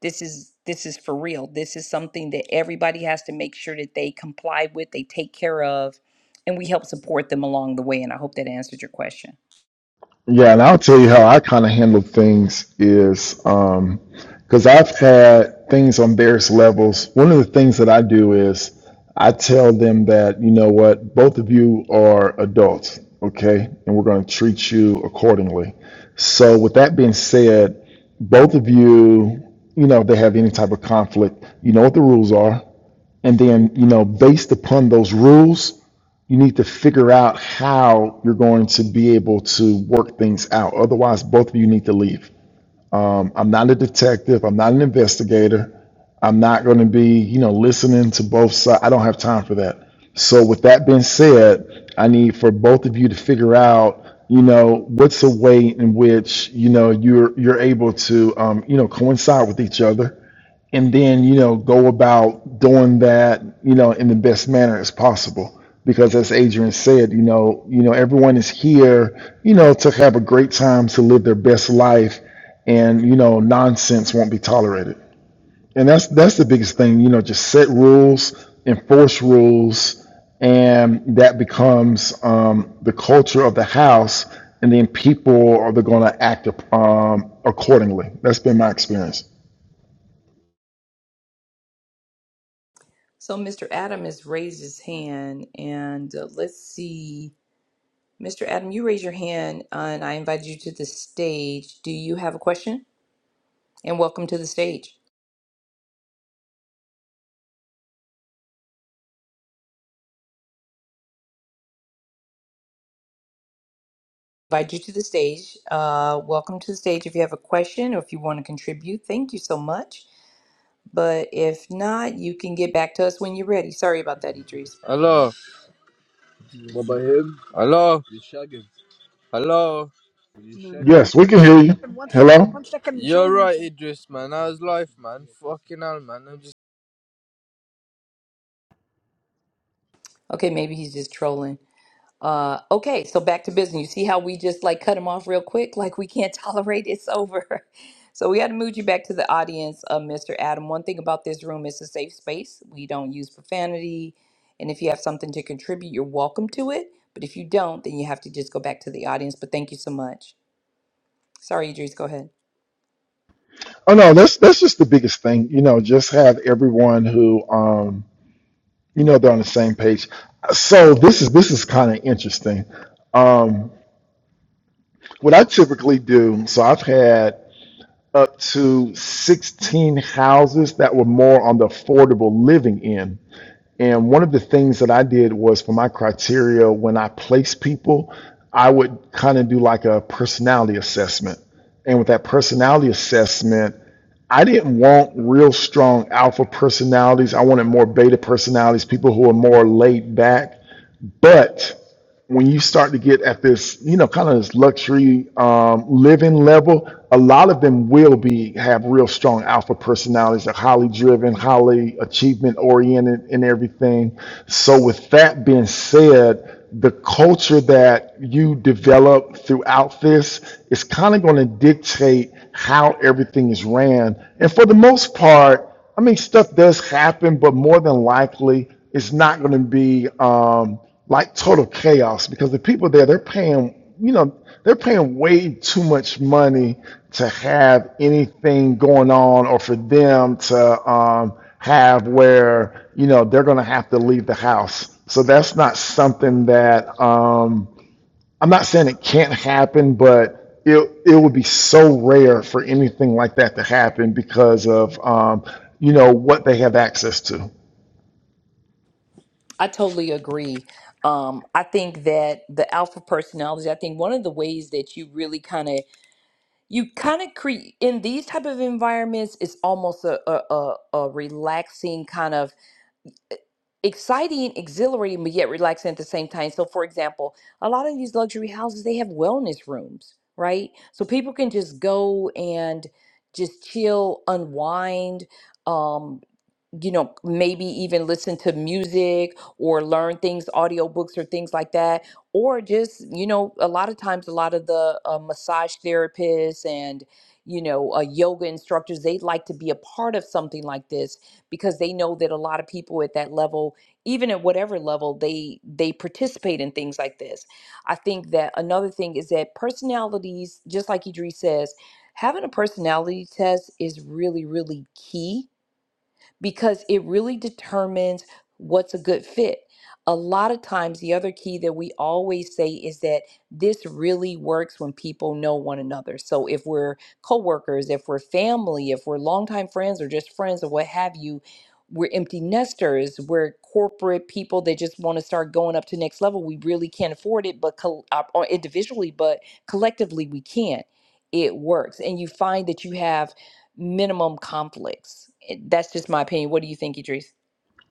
this is this is for real. This is something that everybody has to make sure that they comply with, they take care of, and we help support them along the way. And I hope that answered your question. Yeah, and I'll tell you how I kind of handle things is um because I've had things on various levels. One of the things that I do is I tell them that, you know what, both of you are adults, okay? And we're going to treat you accordingly. So, with that being said, both of you, you know, if they have any type of conflict, you know what the rules are. And then, you know, based upon those rules, you need to figure out how you're going to be able to work things out. Otherwise, both of you need to leave. Um, I'm not a detective. I'm not an investigator. I'm not going to be, you know, listening to both sides. I don't have time for that. So, with that being said, I need for both of you to figure out, you know, what's a way in which, you know, you're you're able to, um, you know, coincide with each other and then you know go about doing that you know in the best manner as possible because as adrian said you know you know everyone is here you know to have a great time to live their best life and you know nonsense won't be tolerated and that's that's the biggest thing you know just set rules enforce rules and that becomes um, the culture of the house and then people are going to act um, accordingly that's been my experience So Mr. Adam has raised his hand, and uh, let's see. Mr. Adam, you raise your hand uh, and I invite you to the stage. Do you have a question? And welcome to the stage. Invite you to the stage. Uh, welcome to the stage if you have a question or if you want to contribute. Thank you so much. But if not, you can get back to us when you're ready. Sorry about that, Idris. Hello, What about him? hello, You shag him. hello. Will You No, shag no, him. no. Yes, we can hear One you. second, one second, Hello. one second, You're John. One right, Idris, man. How's life, man? Fucking hell, man. I'm just Okay, maybe he's just trolling. Uh, okay, so back to business. You see how we just like cut him off real quick, like we can't tolerate it's over. So we had to move you back to the audience, uh, Mr. Adam. One thing about this room is a safe space. We don't use profanity, and if you have something to contribute, you're welcome to it. But if you don't, then you have to just go back to the audience. But thank you so much. Sorry, Idris, go ahead. Oh no, that's that's just the biggest thing. You know, just have everyone who um you know they're on the same page. So this is this is kind of interesting. Um, what I typically do, so I've had up to 16 houses that were more on the affordable living end. And one of the things that I did was for my criteria when I place people, I would kind of do like a personality assessment. And with that personality assessment, I didn't want real strong alpha personalities. I wanted more beta personalities, people who are more laid back. But when you start to get at this, you know, kind of this luxury um, living level, a lot of them will be have real strong alpha personalities. They're highly driven, highly achievement oriented, and everything. So, with that being said, the culture that you develop throughout this is kind of going to dictate how everything is ran. And for the most part, I mean, stuff does happen, but more than likely, it's not going to be. Um, like total chaos because the people there they're paying you know they're paying way too much money to have anything going on or for them to um, have where you know they're going to have to leave the house so that's not something that um, i'm not saying it can't happen but it, it would be so rare for anything like that to happen because of um, you know what they have access to I totally agree. Um, I think that the alpha personality, I think one of the ways that you really kind of you kind of create in these type of environments it's almost a, a a a relaxing kind of exciting exhilarating but yet relaxing at the same time so for example a lot of these luxury houses they have wellness rooms right so people can just go and just chill unwind um you know, maybe even listen to music or learn things, audiobooks or things like that. Or just, you know, a lot of times, a lot of the uh, massage therapists and, you know, uh, yoga instructors, they like to be a part of something like this because they know that a lot of people at that level, even at whatever level, they they participate in things like this. I think that another thing is that personalities, just like Idris says, having a personality test is really, really key because it really determines what's a good fit. A lot of times, the other key that we always say is that this really works when people know one another. So, if we're coworkers, if we're family, if we're longtime friends or just friends or what have you, we're empty nesters, we're corporate people that just want to start going up to next level. We really can't afford it, but col- uh, or individually, but collectively, we can. It works. And you find that you have minimum conflicts. It- That's just my opinion. What do you think, Idris?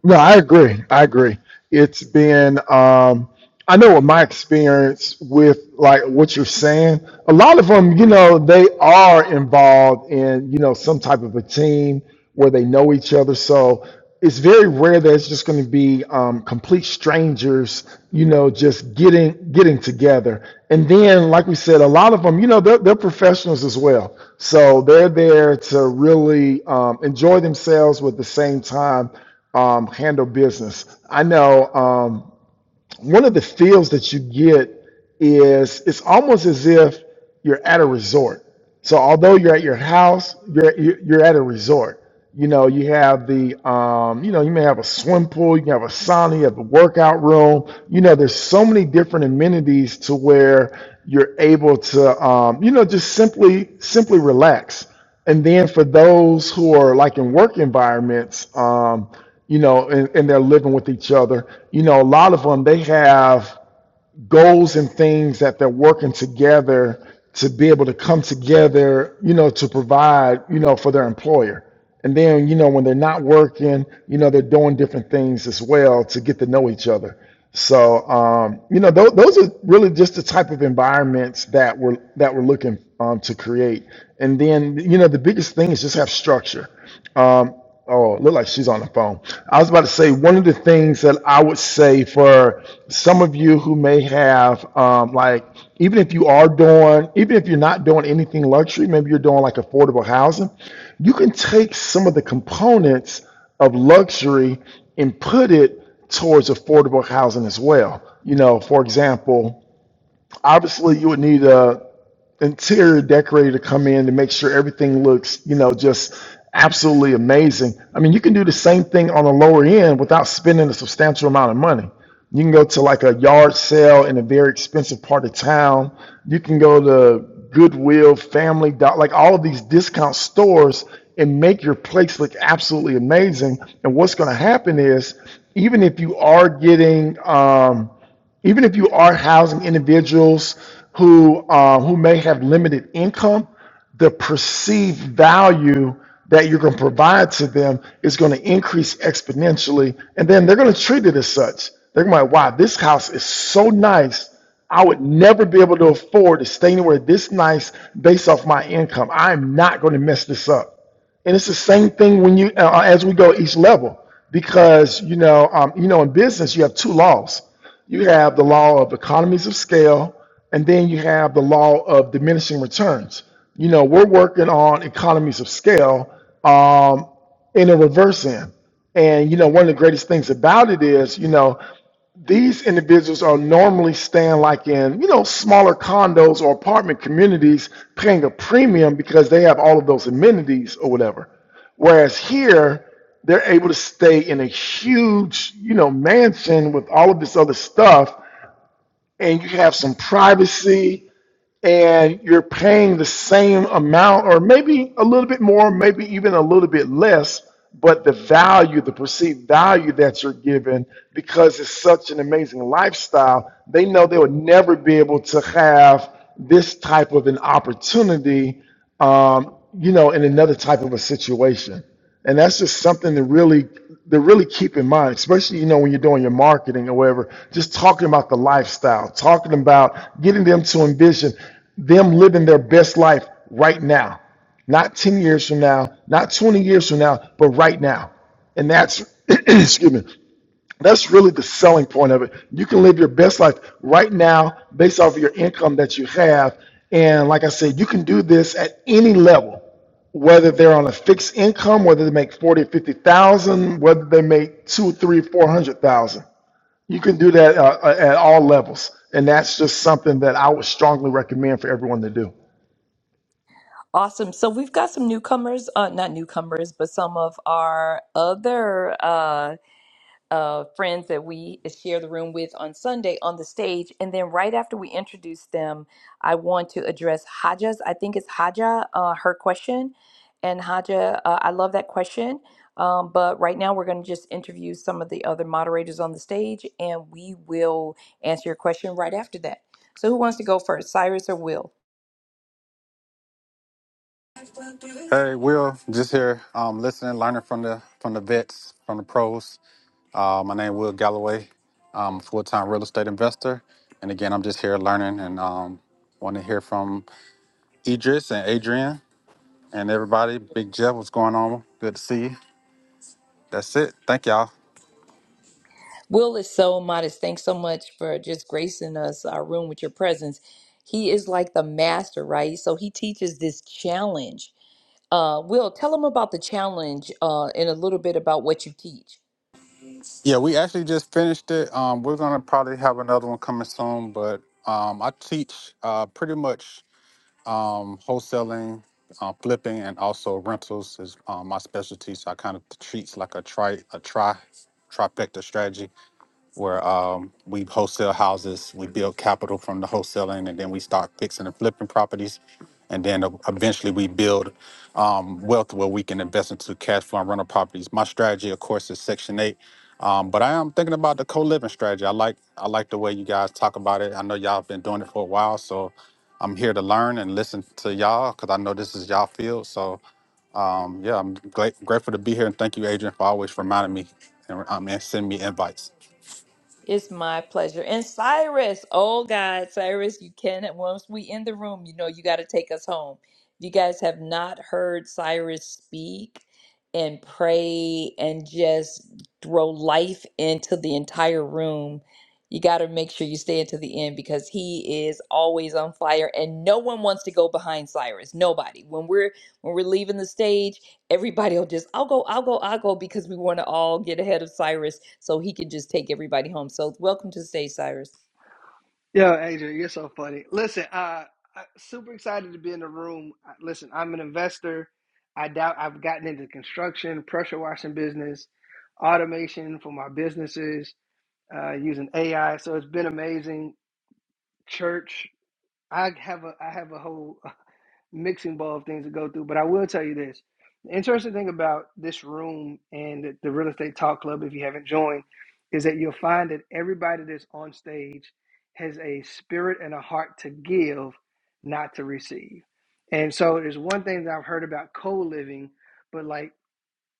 No, I agree. I agree. It's been, um, I know with my experience with like what you're saying, a lot of them, you know, they are involved in, you know, some type of a team where they know each other. So it's very rare that it's just going to be um, complete strangers, you know, just getting getting together. And then, like we said, a lot of them, you know, they're, they're professionals as well. So they're there to really um, enjoy themselves, but at the same time um, handle business. I know um, one of the feels that you get is it's almost as if you're at a resort. So although you're at your house, you're you're you're at a resort. You know, you have the um, you know, you may have a swim pool, you can have a sauna, you have the workout room. You know, there's so many different amenities to where you're able to um, you know, just simply simply relax. And then for those who are like in work environments, um, you know, and, and they're living with each other, you know, a lot of them, they have goals and things that they're working together to be able to come together, you know, to provide, you know, for their employer. And then, you know, when they're not working, you know, they're doing different things as well to get to know each other. So, um, you know, tho- those are really just the type of environments that we're that we're looking um, to create. And then, you know, the biggest thing is just have structure. Um, oh, look like she's on the phone. I was about to say one of the things that I would say for some of you who may have, um, like, even if you are doing, even if you're not doing anything luxury, maybe you're doing like affordable housing, you can take some of the components of luxury and put it towards affordable housing as well. You know, for example, obviously you would need a interior decorator to come in to make sure everything looks, you know, just absolutely amazing. I mean, you can do the same thing on the lower end without spending a substantial amount of money. You can go to like a yard sale in a very expensive part of town. You can go to Goodwill, Family Dollar, like all of these discount stores and make your place look absolutely amazing. And what's going to happen is, even if you are getting, um, even if you are housing individuals who um, who may have limited income, the perceived value that you're going to provide to them is going to increase exponentially, and then they're going to treat it as such. They're going to be like, "Wow, this house is so nice. I would never be able to afford to stay anywhere this nice based off my income. I'm not going to mess this up." And it's the same thing when you uh, uh, as we go each level, because you know, um, you know, in business you have two laws. You have the law of economies of scale, and then you have the law of diminishing returns. You know, we're working on economies of scale um, in a reverse end, and you know, one of the greatest things about it is, you know, these individuals are normally staying like in, you know, smaller condos or apartment communities, paying a premium because they have all of those amenities or whatever. Whereas here, they're able to stay in a huge, you know, mansion with all of this other stuff, and you have some privacy and you're paying the same amount or maybe a little bit more, maybe even a little bit less, but the value, the perceived value that you're given because it's such an amazing lifestyle, they know they would never be able to have this type of an opportunity, um, you know, in another type of a situation. And that's just something to really to really keep in mind, especially you know when you're doing your marketing or whatever. Just talking about the lifestyle, talking about getting them to envision them living their best life right now, not 10 years from now, not 20 years from now, but right now. And that's excuse me, that's really the selling point of it. You can live your best life right now based off of your income that you have, and like I said, you can do this at any level whether they're on a fixed income, whether they make forty or fifty thousand, whether they make two, three, four hundred thousand. You can do that uh, uh, at all levels, and that's just something that I would strongly recommend for everyone to do. Awesome. So we've got some newcomers, uh, not newcomers, but some of our other uh, uh, friends that we share the room with on Sunday on the stage. And then right after we introduce them, I want to address Haja's, I think it's Haja, uh, her question. And Haja, uh, I love that question. Um, but right now, we're going to just interview some of the other moderators on the stage and we will answer your question right after that. So, who wants to go first, Cyrus or Will? Hey, Will, just here, um, listening, learning from the from the vets, from the pros. Uh, my name Will Galloway. I'm a full-time real estate investor, and again, I'm just here learning and um, want to hear from Idris and Adrian and everybody. Big Jeff, what's going on? Good to see you. That's it. Thank y'all. Will is so modest. Thanks so much for just gracing us our room with your presence. He is like the master, right? So he teaches this challenge. Uh, Will, tell them about the challenge uh, and a little bit about what you teach. Yeah, we actually just finished it. Um, we're gonna probably have another one coming soon, but um, I teach uh, pretty much um, wholesaling, uh, flipping, and also rentals is um, my specialty. So I kind of treats like a tri a tri trifecta strategy where um, we wholesale houses, we build capital from the wholesaling, and then we start fixing and flipping properties. And then uh, eventually we build um, wealth where we can invest into cash flow and rental properties. My strategy, of course, is Section 8. Um, but I am thinking about the co-living strategy. I like I like the way you guys talk about it. I know y'all have been doing it for a while, so I'm here to learn and listen to y'all because I know this is y'all field. So um, yeah, I'm gla- grateful to be here and thank you, Adrian, for always reminding me and, um, and sending me invites. It's my pleasure. And Cyrus, oh God, Cyrus, you can once we in the room, you know, you got to take us home. If you guys have not heard Cyrus speak and pray and just throw life into the entire room, you got to make sure you stay until the end because he is always on fire and no one wants to go behind Cyrus. Nobody. When we're when we're leaving the stage, everybody will just i'll go i'll go i'll go because we want to all get ahead of cyrus so he can just take everybody home so welcome to the stage cyrus Yo, Adrian, you're so funny. Listen, uh, I, super excited to be in the room. I- Listen, I'm an investor. I doubt I've gotten into construction, pressure washing business, automation for my businesses uh, using AI. So it's been amazing. Church, I have a I have a whole mixing bowl of things to go through. But I will tell you this: the interesting thing about this room and the, the real estate talk club, if you haven't joined, is that you'll find that everybody that's on stage has a spirit and a heart to give, not to receive. And so there's one thing that I've heard about co-living, but like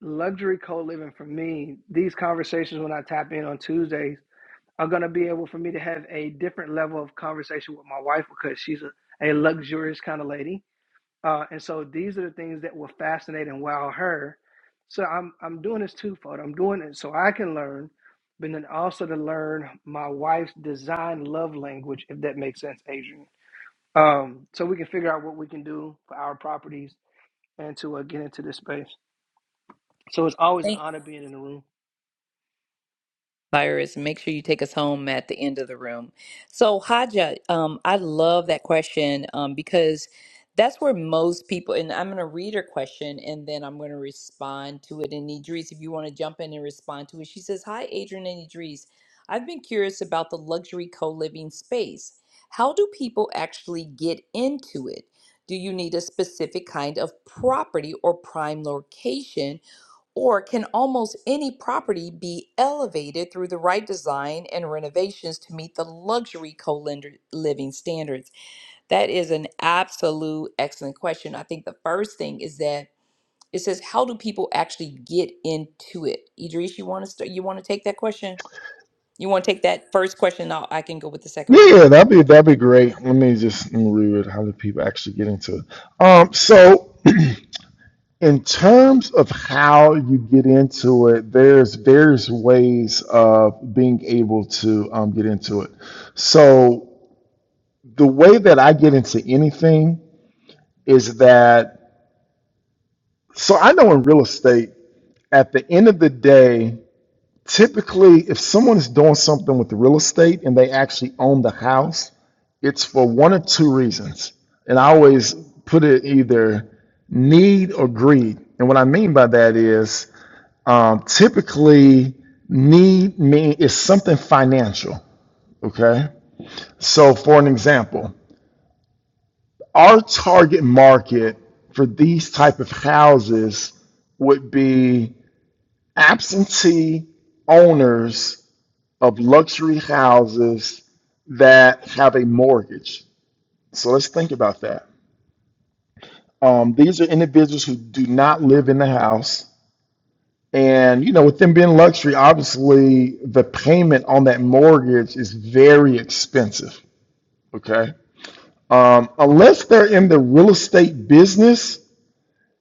luxury co-living for me, these conversations when I tap in on Tuesdays are going to be able for me to have a different level of conversation with my wife because she's a, a luxurious kind of lady uh, and so these are the things that will fascinate and wow her. So I'm I'm doing this twofold. I'm doing it so I can learn, but then also to learn my wife's design love language, if that makes sense, Adrian. Um, so we can figure out what we can do for our properties and to uh, get into this space. So it's always an Thank. honor being in the room. virus. Make sure you take us home at the end of the room. So, Haja, um, I love that question um, because that's where most people, and I'm going to read her question and then I'm going to respond to it. And Idris, if you want to jump in and respond to it, she says, Hi, Adrian and Idris. I've been curious about the luxury co living space. How do people actually get into it? Do you need a specific kind of property or prime location? Or can almost any property be elevated through the right design and renovations to meet the luxury co-lender living standards? That is an absolute excellent question. I think the first thing is that it says, how do people actually get into it? Idris, you want to start, you want to take that question? You want to take that first question? I'll, I can go with the second one. Yeah, that'd be that'd be great. Let me just let me read it. How do people actually get into it? Um, so in terms of how you get into it, there's various ways of being able to um, get into it. So the way that I get into anything is that so I know in real estate, at the end of the day, typically if someone is doing something with the real estate and they actually own the house, it's for one or two reasons. And I always put it either need or greed. And what I mean by that is um, typically need mean is something financial. Okay. So for an example, our target market for these type of houses would be absentee owners of luxury houses that have a mortgage. So let's think about that. Um, these are individuals who do not live in the house. And, you know, with them being luxury, obviously the payment on that mortgage is very expensive. Okay. Um, unless they're in the real estate business,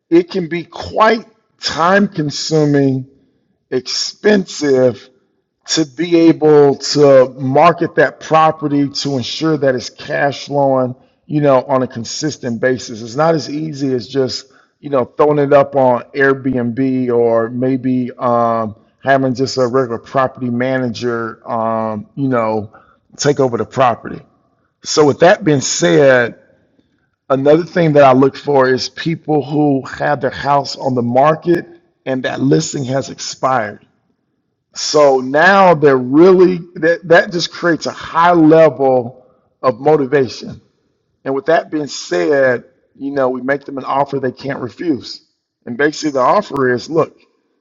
it can be quite time consuming, expensive, to be able to market that property to ensure that it's cash flowing, you know, on a consistent basis. It's not as easy as just, you know, throwing it up on Airbnb or maybe um, having just a regular property manager, um, you know, take over the property. So, with that being said, another thing that I look for is people who have their house on the market and that listing has expired so now they're really that that just creates a high level of motivation. And with that being said, you know, we make them an offer they can't refuse. And basically, the offer is look,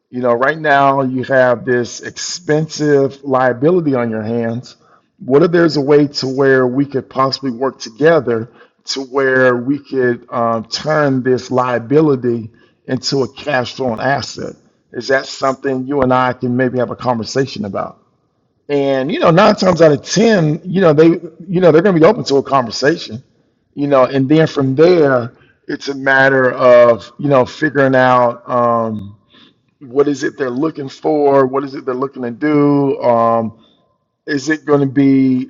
you know, right now you have this expensive liability on your hands. What if there's a way to where we could possibly work together to where we could um, turn this liability into a cash flowing asset? Is that something you and I can maybe have a conversation about? And, you know, nine times out of 10, you know, they, you know, they're going to be open to a conversation you know, and then from there, it's a matter of, you know, figuring out um, what is it they're looking for? What is it they're looking to do? Um, is it going to be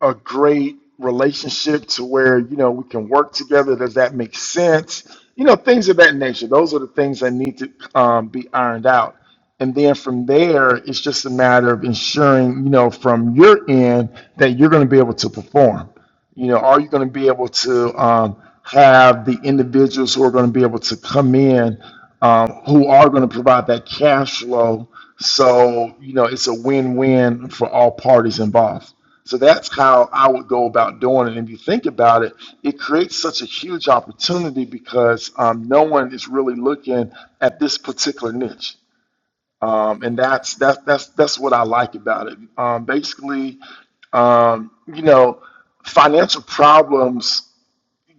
a great relationship to where you know we can work together does that make sense you know things of that nature those are the things that need to um, be ironed out and then from there it's just a matter of ensuring you know from your end that you're going to be able to perform you know are you going to be able to um, have the individuals who are going to be able to come in um, who are going to provide that cash flow so you know it's a win-win for all parties involved so that's how I would go about doing it. And if you think about it, it creates such a huge opportunity because um, no one is really looking at this particular niche. Um, and that's that's that's that's what I like about it. Um, basically, um, you know, financial problems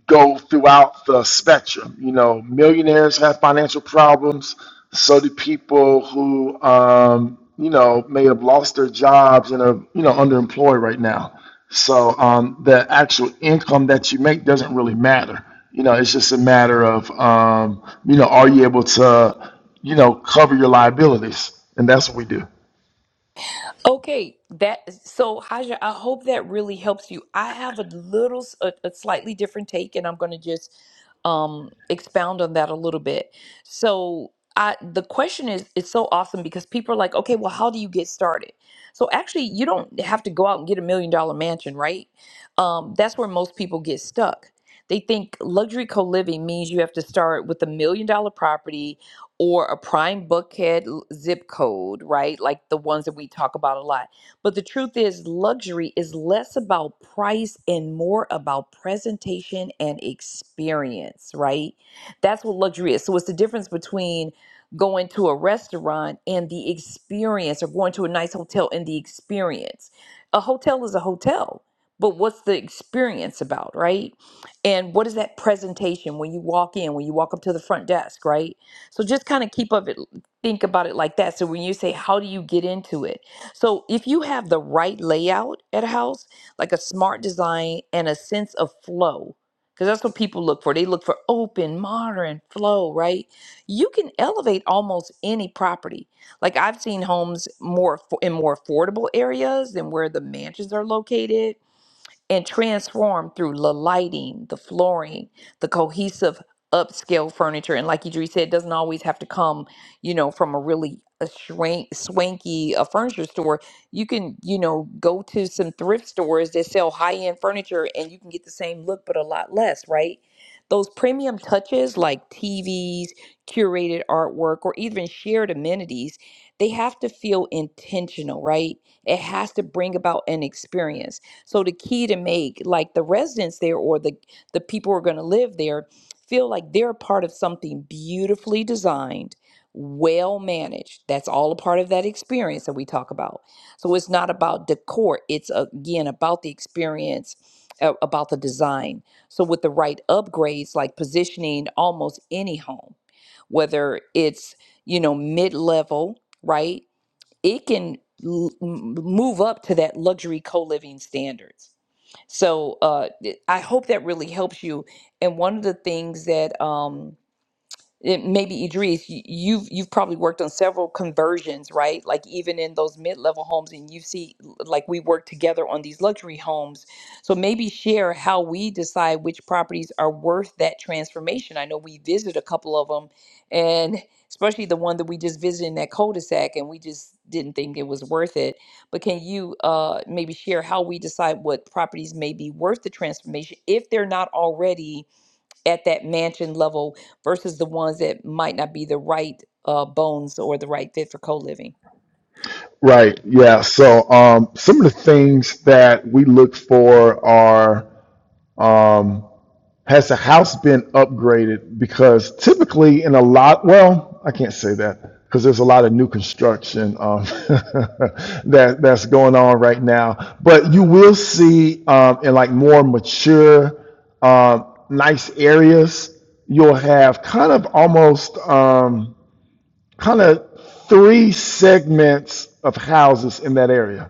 go throughout the spectrum. You know, millionaires have financial problems. So do people who, um, you know, may have lost their jobs and are, you know, underemployed right now. So um, the actual income that you make doesn't really matter. You know, it's just a matter of, um, you know, are you able to, you know, cover your liabilities? And that's what we do. Okay, that so Haja, I hope that really helps you. I have a little, s- a, a slightly different take, and I'm going to just um expound on that a little bit. So, I the question is, it's so awesome because people are like, okay, well, how do you get started? So, actually, you don't have to go out and get a million dollar mansion, right? Um, that's where most people get stuck. They think luxury co living means you have to start with a million dollar property or a prime bookhead l- zip code, right? Like the ones that we talk about a lot. But the truth is, luxury is less about price and more about presentation and experience, right? That's what luxury is. So it's the difference between going to a restaurant and the experience or going to a nice hotel and the experience. A hotel is a hotel, but what's the experience about, right? And what is that presentation when you walk in, when you walk up to the front desk, right? So just kind of keep of it, think about it like that. So when you say, how do you get into it? So if you have the right layout at a house, like a smart design and a sense of flow, because that's what people look for. They look for open, modern flow, right? You can elevate almost any property. Like I've seen homes more affo- in more affordable areas than where the mansions are located and transformed through the lighting, the flooring, the cohesive upscale furniture. And like Idris said, it doesn't always have to come, you know, from a really a swank, swanky a furniture store. You can, you know, go to some thrift stores that sell high end furniture and you can get the same look, but a lot less, right? Those premium touches like TVs, curated artwork, or even shared amenities, they have to feel intentional, right? It has to bring about an experience so the key to make like the residents there or the the people who are going to live there feel like they're a part of something beautifully designed, well managed. That's all a part of that experience that we talk about. So it's not about decor, it's again about the experience a- about the design. So with the right upgrades like positioning almost any home, whether it's, you know, mid-level, right? It can l- m- move up to that luxury co-living standards so uh, I hope that really helps you. And one of the things that um, it maybe Idris, y- you've you've probably worked on several conversions, right? Like even in those mid-level homes, and you see l- like we work together on these luxury homes. So maybe share how we decide which properties are worth that transformation. I know we visit a couple of them, and especially the one that we just visited in that cul-de-sac, and we just didn't think it was worth it. But can you uh, maybe share how we decide what properties may be worth the transformation if they're not already? at that mansion level versus the ones that might not be the right uh, bones or the right fit for co living. Right. Yeah. So um, some of the things that we look for are um, Has the house been upgraded? Because typically, in a lot, well, I can't say that because there's a lot of new construction um, that that's going on right now. But you will see um, in like more mature, um, nice areas, you'll have kind of almost. Um, kind of three segments of houses in that area.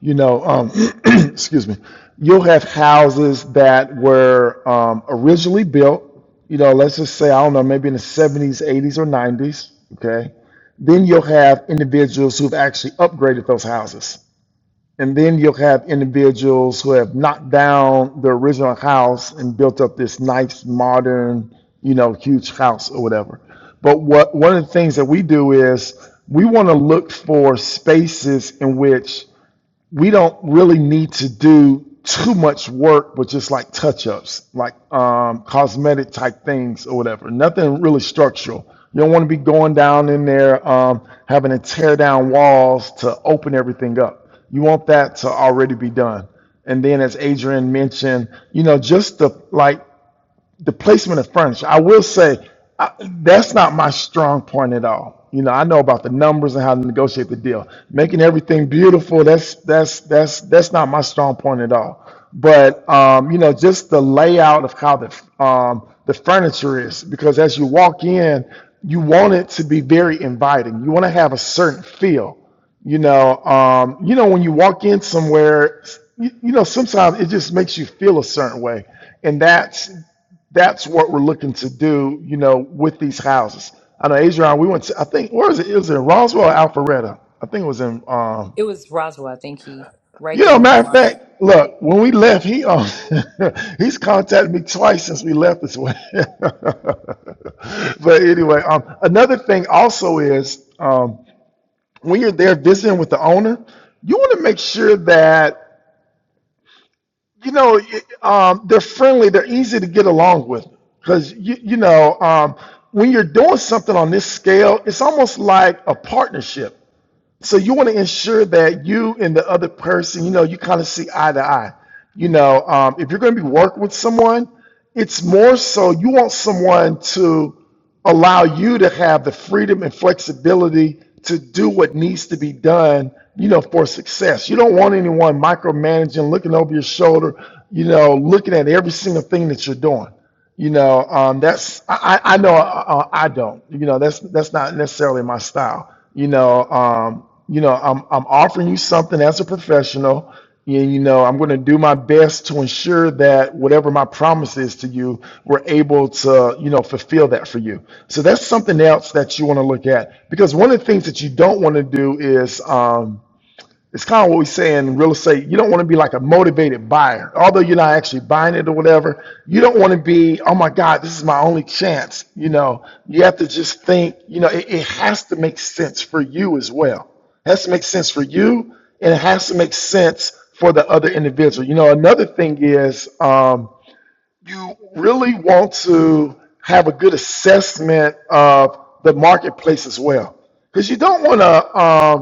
You know, um, excuse me. You'll have houses that were um, originally built, you know, let's just say, I don't know, maybe in the 70s, 80s, or 90s. Okay. Then you'll have individuals who've actually upgraded those houses. And then you'll have individuals who have knocked down the original house and built up this nice modern, you know, huge house or whatever. But what one of the things that we do is we want to look for spaces in which we don't really need to do too much work, but just like touch ups, like um, cosmetic type things or whatever. Nothing really structural. You don't want to be going down in there um, having to tear down walls to open everything up. You want that to already be done. And then, as Adrian mentioned, you know, just the like the placement of furniture. I will say I, that's not my strong point at all. You know, I know about the numbers and how to negotiate the deal. Making everything beautiful, that's that's that's that's not my strong point at all. But um, you know, just the layout of how the um, the furniture is, because as you walk in, you want it to be very inviting. You want to have a certain feel. You know, um, you know when you walk in somewhere, you, you know sometimes it just makes you feel a certain way, and that's that's what we're looking to do, you know, with these houses. I know Adrian, we went to, I think, where was it? It was in Roswell or Alpharetta. I think it was in, um, It was Roswell, I think he right you there know, on the matter of line. fact, look, when we left, he, um, he's contacted me twice since we left this way. but anyway, um, another thing also is, um, when you're there visiting with the owner, you want to make sure that you know, y- um, they're friendly. They're easy to get along with because you, you know um, when you're doing something on this scale, it's almost like a partnership so you want to ensure that you and the other person, you know, you kind of see eye to eye. You know, um, if you're going to be working with someone, it's more so you want someone to allow you to have the freedom and flexibility to do what needs to be done, you know, for success. You don't want anyone micromanaging, looking over your shoulder, you know, looking at every single thing that you're doing. You know, um, that's I, I I know uh, uh, I don't. You know, that's that's not necessarily my style. You know, um, you know, I'm I'm offering you something as a professional. You, you know, I'm going to do my best to ensure that whatever my promise is to you, we're able to you know fulfill that for you. So that's something else that you want to look at because one of the things that you don't want to do is. Um, it's kind of what we say in real estate. You don't want to be like a motivated buyer, although you're not actually buying it or whatever. You don't want to be, oh my God, this is my only chance. You know, you have to just think, you know, it, it has to make sense for you as well. It has to make sense for you and it has to make sense for the other individual. You know, another thing is um, you really want to have a good assessment of the marketplace as well. Because you don't want to. um,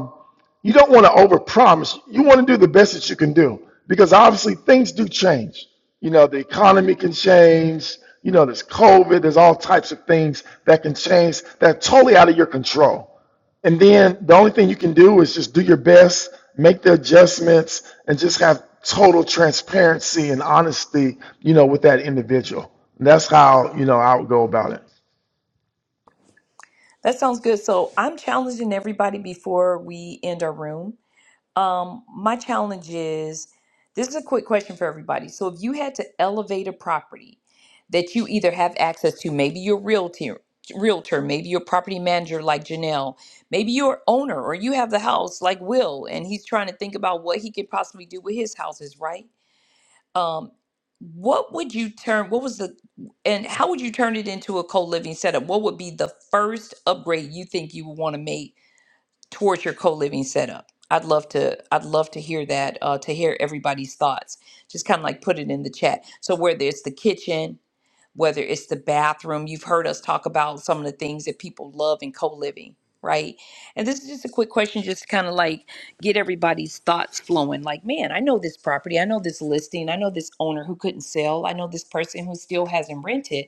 you don't want to overpromise. You want to do the best that you can do because obviously things do change. You know, the economy can change. You know, there's COVID. There's all types of things that can change that are totally out of your control. And then the only thing you can do is just do your best, make the adjustments, and just have total transparency and honesty. You know, with that individual. And that's how you know I would go about it. That sounds good. So I'm challenging everybody before we end our room. Um, my challenge is this is a quick question for everybody. So, if you had to elevate a property that you either have access to, maybe you're a realtor, realtor, maybe you're a property manager like Janelle, maybe you're an owner or you have the house like Will, and he's trying to think about what he could possibly do with his houses, right? Um, what would you turn? What was the and how would you turn it into a co living setup? What would be the first upgrade you think you would want to make? towards your co-living setup i'd love to i'd love to hear that uh, to hear everybody's thoughts just kind of like put it in the chat so whether it's the kitchen whether it's the bathroom you've heard us talk about some of the things that people love in co-living right and this is just a quick question just to kind of like get everybody's thoughts flowing like man i know this property i know this listing i know this owner who couldn't sell i know this person who still hasn't rented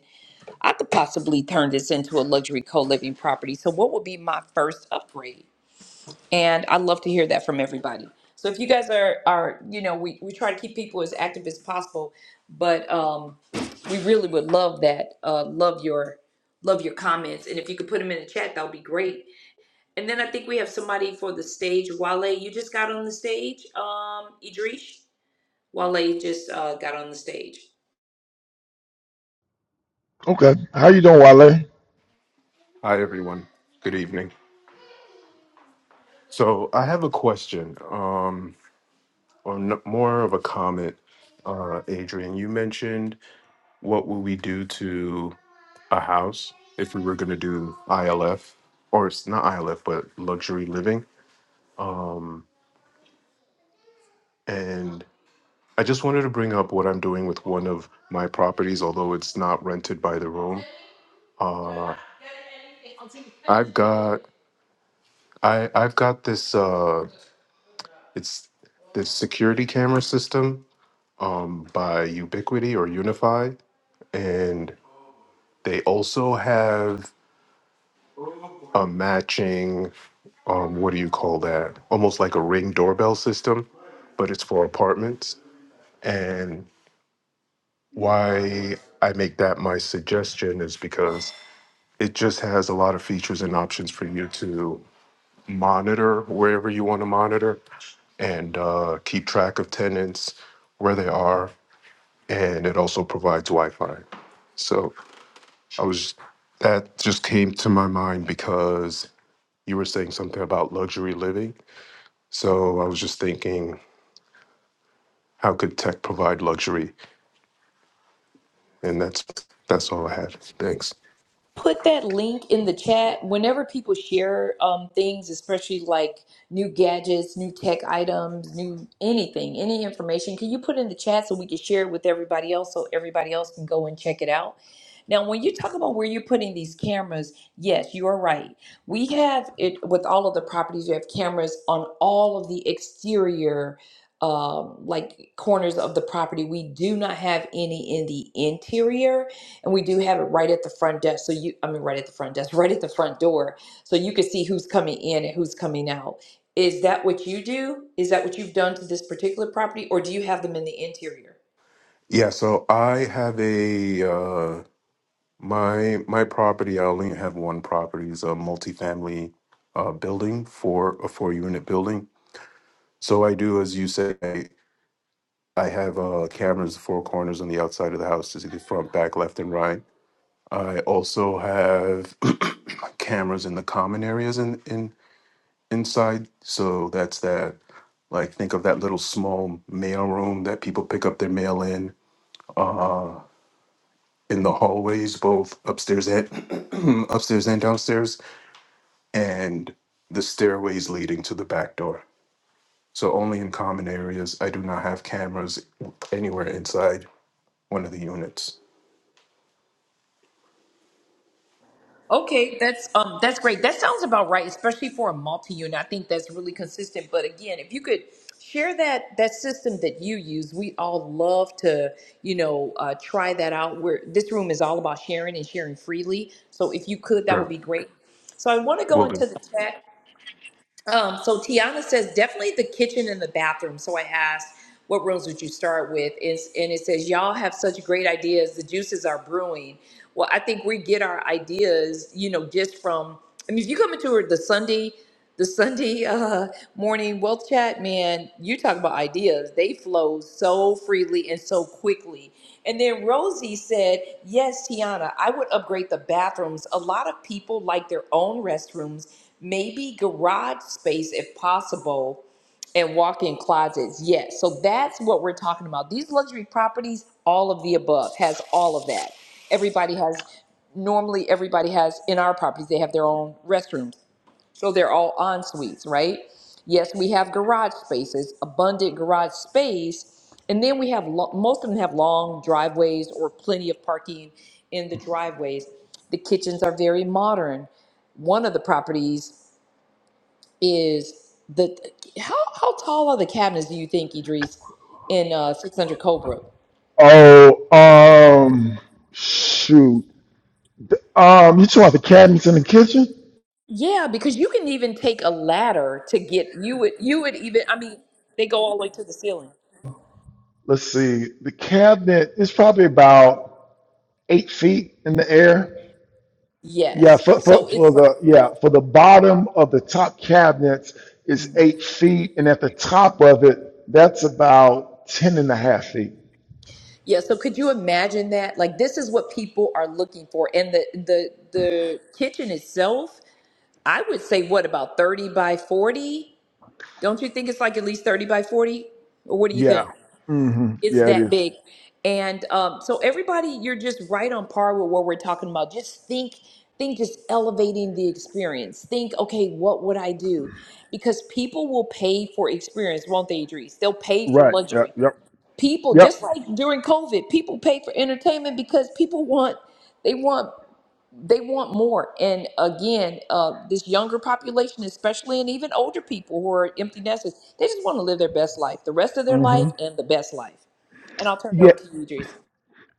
i could possibly turn this into a luxury co-living property so what would be my first upgrade and i love to hear that from everybody so if you guys are are you know we, we try to keep people as active as possible but um we really would love that uh love your love your comments and if you could put them in the chat that would be great and then i think we have somebody for the stage wale you just got on the stage um idrish wale just uh got on the stage Okay, how you doing, Wale? Hi, everyone. Good evening. So, I have a question, um, or n- more of a comment. Uh, Adrian, you mentioned what would we do to a house if we were going to do ILF, or it's not ILF, but luxury living. And I just wanted to bring up what I'm doing with one of my properties, although it's not rented by the room. I've got I I've got this uh, it's this security camera system um, by Ubiquity or Unify, and they also have a matching, um, what do you call that? Almost like a ring doorbell system, but it's for apartments. And why I make that my suggestion is because it just has a lot of features and options for you to monitor wherever you want to monitor and uh, keep track of tenants, where they are, and it also provides Wi Fi. So I was that just came to my mind because you were saying something about luxury living. So I was just thinking, how could tech provide luxury? And that's that's all I had. Thanks. put that link in the chat whenever people share um, things especially like new gadgets new tech items new anything any information can you put in the chat so we can share it with everybody else so everybody else can go and check it out now when you talk about where you're putting these cameras yes you are right we have it with all of the properties we have cameras on all of the exterior um, like corners of the property we do not have any in the interior and we do have it right at the front desk so you i mean right at the front desk right at the front door so you can see who's coming in and who's coming out is that what you do is that what you've done to this particular property or do you have them in the interior Yeah. So I have a uh, my my property. I only have one property. It's a multifamily uh, building for a four unit building. So I do, as you say, I I have uh, cameras, the four corners on the outside of the house to see the front, back, left, and right I also have cameras in the common areas in, in inside. So that's that. Like think of that little small mail room that people pick up their mail in. Uh, in the hallways, both upstairs and upstairs and downstairs, and the stairways leading to the back door. So only in common areas. I do not have cameras anywhere inside one of the units okay that's um that's great that sounds about right especially for a multi-unit i think that's really consistent but again if you could share that that system that you use we all love to you know uh, try that out where this room is all about sharing and sharing freely so if you could that would or be great so I want to go into the chat. Um, so Tiana says definitely the kitchen and the bathroom. So I asked, what rooms would you start with? Is and it says y'all have such great ideas. The juices are brewing. Well, I think we get our ideas, you know, just from. I mean, if you come into the Sunday, the Sunday uh, morning wealth chat, man, you talk about ideas. They flow so freely and so quickly. And then Rosie said, "Yes, Tiana, I would upgrade the bathrooms. A lot of people like their own restrooms." maybe garage space if possible and walk-in closets yes so that's what we're talking about these luxury properties all of the above has all of that everybody has normally everybody has in our properties they have their own restrooms so they're all en suites right yes we have garage spaces abundant garage space and then we have lo- most of them have long driveways or plenty of parking in the driveways the kitchens are very modern one of the properties is the how how tall are the cabinets do you think Idris in uh 600 Cobra? Oh, um, shoot. Um, you talking about the cabinets in the kitchen? Yeah, because you can even take a ladder to get you would you would even I mean they go all the way to the ceiling. Let's see. The cabinet is probably about eight feet in the air. Yeah, Yes. for, for, So for it's like the yeah for the bottom of the top cabinets is eight feet, and at the top of it, that's about ten and a half feet. yeah, so could you imagine that? Like this is what people are looking for and the the the kitchen itself, I would say what about 30 by 40? Don't you think it's like at least 30 by 40? Or what do you Yeah. think? Mm-hmm. It's Yeah, it that is. big. And um, so everybody, you're just right on par with what we're talking about. Just think, think just elevating the experience. Think, okay, what would I do? Because people will pay for experience, won't they, Idris? They'll pay for Right. Yeah. luxury. Yep. People, Yep. just like during COVID, people pay for entertainment because people want, they want they want more and again uh, this younger population especially and even older people who are empty nesters they just want to live their best life the rest of their life Mm-hmm. and the best life and i'll turn it Yeah. over to you idris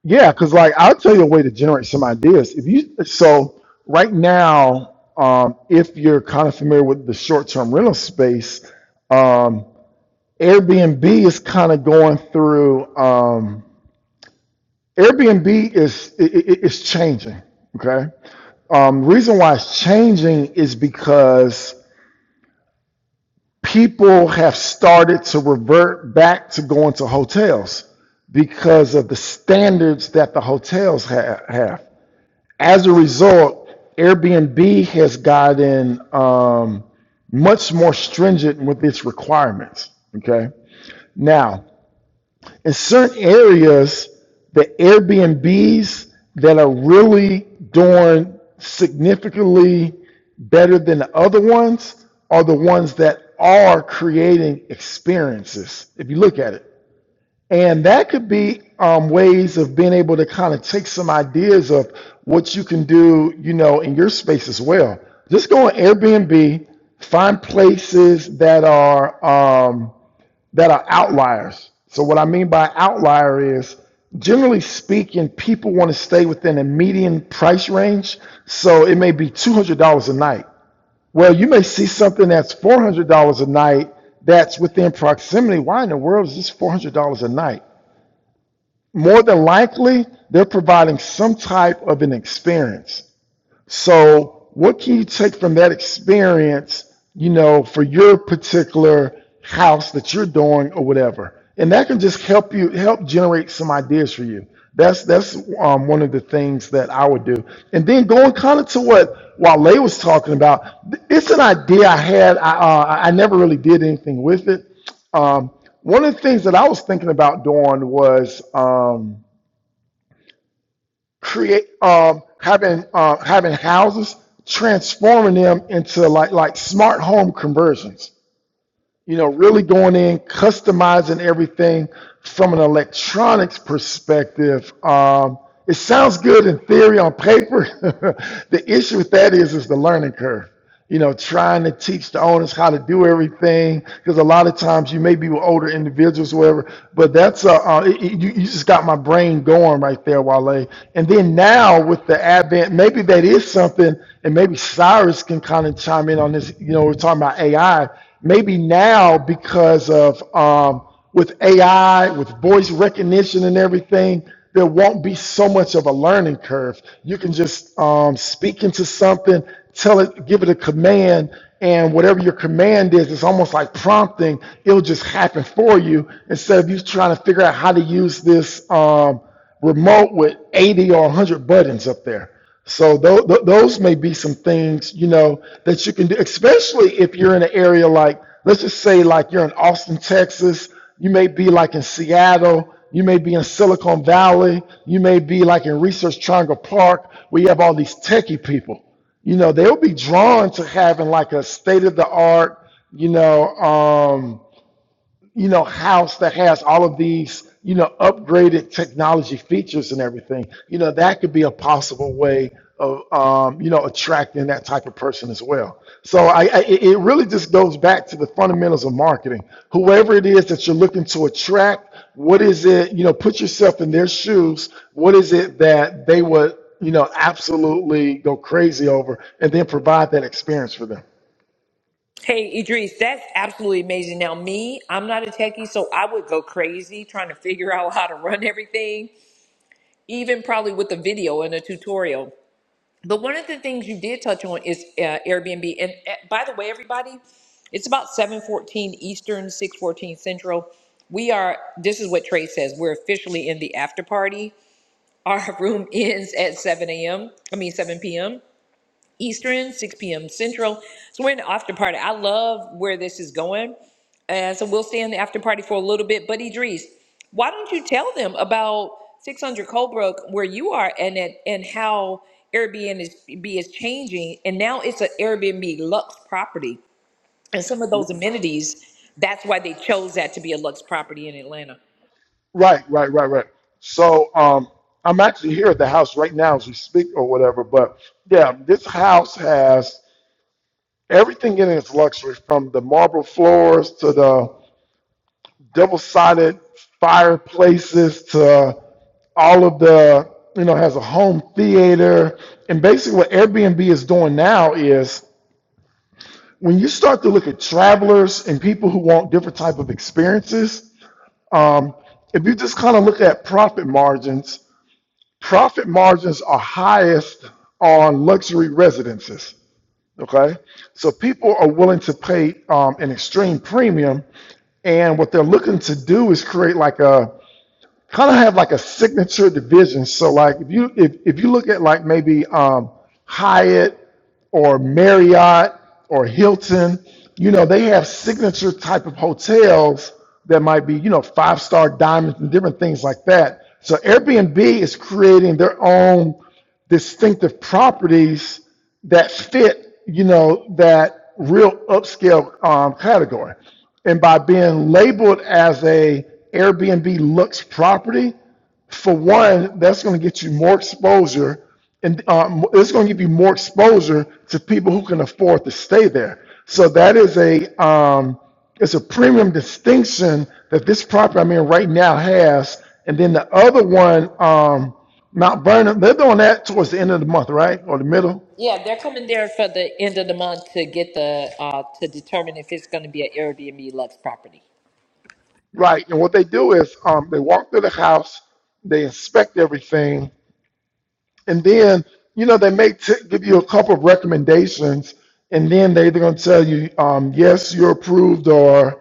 Yeah, because like I'll tell you a way to generate some ideas. If you so right now, um, if you're kind of familiar with the short-term rental space, um, Airbnb is kind of going through. Um, Airbnb is i i- it's changing. Okay. Um, reason why it's changing is because people have started to revert back to going to hotels because of the standards that the hotels ha- have. as a result, Airbnb has gotten um, much more stringent with its requirements. Okay. Now, in certain areas, the Airbnbs that are really doing significantly better than the other ones are the ones that are creating experiences. If you look at it, and that could be um, ways of being able to kind of take some ideas of what you can do, you know, in your space as well. Just go on Airbnb, find places that are um, that are outliers. So what I mean by outlier is, generally speaking, people want to stay within a median price range. So it may be two hundred dollars a night. Well, you may see something that's four hundred dollars a night that's within proximity. Why in the world is this four hundred dollars a night? more than likely, they're providing some type of an experience. So, what can you take from that experience, you know, for your particular house that you're doing or whatever? And that can just help you help generate some ideas for you. That's that's um, one of the things that I would do. And then going kind of to what Wale was talking about, it's an idea I had. I, uh, I never really did anything with it. Um, one of the things that I was thinking about doing was. Um, create um having uh having houses transforming them into like like smart home conversions you know, really going in, customizing everything from an electronics perspective. Um, it sounds good in theory on paper. the issue with that is is the learning curve. You know, trying to teach the owners how to do everything because a lot of times you may be with older individuals, or whatever. But that's uh, uh it, it- you, you just got my brain going right there, Wale. And then now with the advent, maybe that is something, and maybe Cyrus can kind of chime in on this. You know, we're talking about AI maybe now because of um, with AI, with voice recognition and everything, there won't be so much of a learning curve. You can just um, speak into something, tell it, give it a command, and whatever your command is, it's almost like prompting. It'll just happen for you instead of you trying to figure out how to use this. Um, remote with 80 or 100 buttons up there. So th- th those may be some things, you know, that you can do, especially if you're in an area like, let's just say like you're in Austin, Texas, you may be like in Seattle, you may be in Silicon Valley, you may be like in Research Triangle Park, where you have all these techie people. You know, they'll be drawn to having like a state of the art, you know, um, you know, house that has all of these, you know, upgraded technology features and everything, you know, that could be a possible way of, um, you know, attracting that type of person as well. So I, I, it it really just goes back to the fundamentals of marketing. Whoever it is that you're looking to attract, what is it, you know, put yourself in their shoes. What is it that they would, you know, absolutely go crazy over and then provide that experience for them? hey idris that's absolutely amazing now me i'm not a techie so i would go crazy trying to figure out how to run everything even probably with a video and a tutorial But one of the things you did touch on is uh, Airbnb. And uh, by the way, everybody, it's about 7:14 Eastern, 6:14 Central. We are. This is what Trey says. We're officially in the after party. Our room ends at 7 a.m. I mean 7 p.m. Eastern, 6 p.m. Central. So we're in the after party. I love where this is going. And so we'll stay in the after party for a little bit. But Idris, why don't you tell them about 600 Colebrook, where you are, and it, and how Airbnb is, is changing. And now it's an Airbnb Luxe property. And some of those amenities, that's why they chose that to be a Luxe property in Atlanta. Right, right, right, right. So um, I'm actually here at the house right now as we speak or whatever. But yeah, this house has everything in its luxury from the marble floors to the double sided fireplaces to all of the, you know, has a home theater. And basically, what Airbnb is doing now is when you start to look at travelers and people who want different type of experiences, um, if you just kind of look at profit margins profit margins are highest on luxury residences. Okay, so people are willing to pay um, an extreme premium, and what they're looking to do is create like a kind of have like a signature division. So like if you if, if you look at like maybe um, Hyatt or Marriott or Hilton, you know they have signature type of hotels that might be you know five star diamonds and different things like that. So Airbnb is creating their own distinctive properties that fit, you know, that real upscale um, category. And by being labeled as a Airbnb Luxe property, for one, that's going to get you more exposure, and um, it's going to give you more exposure to people who can afford to stay there. So that is a um, it's a premium distinction that this property I'm in right now has. And then the other one, um, Mount Vernon, they're doing that towards the end of the month, right, or the middle, Yeah, they're coming there for the end of the month to get the, uh, to determine if it's going to be an Airbnb Luxe property. right? And what they do is um, they walk through the house, they inspect everything, and then you know they may t- give you a couple of recommendations and then they're either going to tell you um, yes you're approved or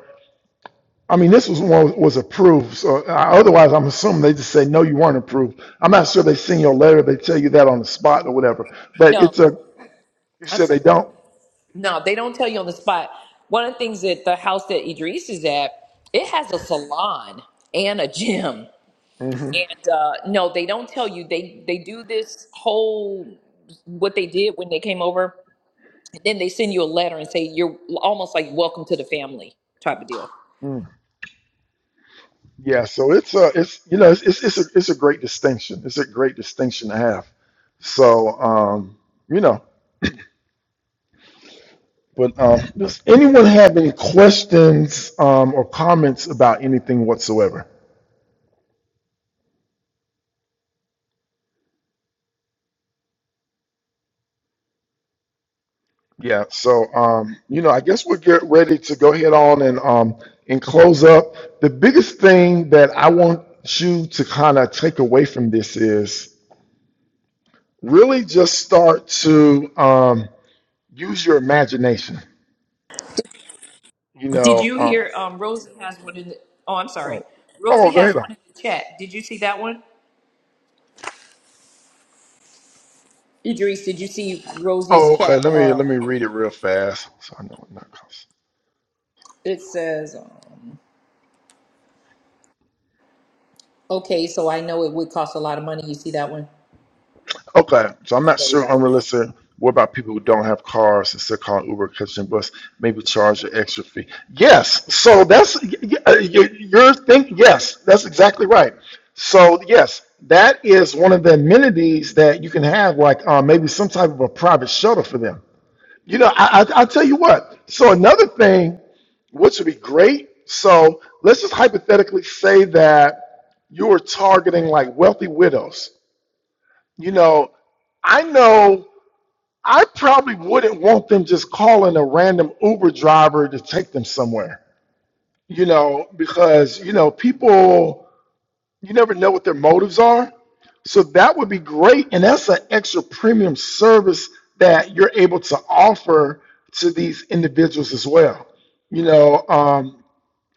i mean this was one that was approved so uh, otherwise i'm assuming they just say no you weren't approved i'm not sure they send you a letter they tell you that on the spot or whatever but No. it's a you I'm said they sorry. don't No, they don't tell you on the spot. One of the things that the house that Idris is at, it has a salon and a gym. hmm And uh, no, they don't tell you. They they do this whole what they did when they came over. And then they send you a letter and say you're almost like welcome to the family type of deal. mm. yeah so it's a it's you know it's it's, it's, a, it's a great distinction it's a great distinction to have so um you know But um, does anyone have any questions um, or comments about anything whatsoever? Yeah. So um, you know, I guess we'll get ready to go ahead on and um, and close up. The biggest thing that I want you to kind of take away from this is really just start to um, use your imagination. You Did know. you Uh, hear? Um, Rosie has one in. The, oh, I'm oh, sorry. oh, Rosie go has ahead. On. one in the chat. Did you see that one? Idris, did you see Rosie's Oh, okay. chat? Let me Uh, let me read it real fast. So I know what not. it says. um, Okay, so I know it would cost a lot of money. You see that one? Okay, so I'm not sure unrealistic. What about people who don't have cars and still calling Uber, catch and bus? Maybe charge an extra fee. Yes, so that's y- y- uh, y- your think. Yes, that's exactly right. So yes, that is one of the amenities that you can have, like uh, maybe some type of a private shuttle for them. You know, I, I I tell you what. So another thing, which would be great. So let's just hypothetically say that you are targeting like wealthy widows. You know, I know I probably wouldn't want them just calling a random Uber driver to take them somewhere, you know, because, you know, people, you never know what their motives are. So that would be great. And that's an extra premium service that you're able to offer to these individuals as well. You know, um,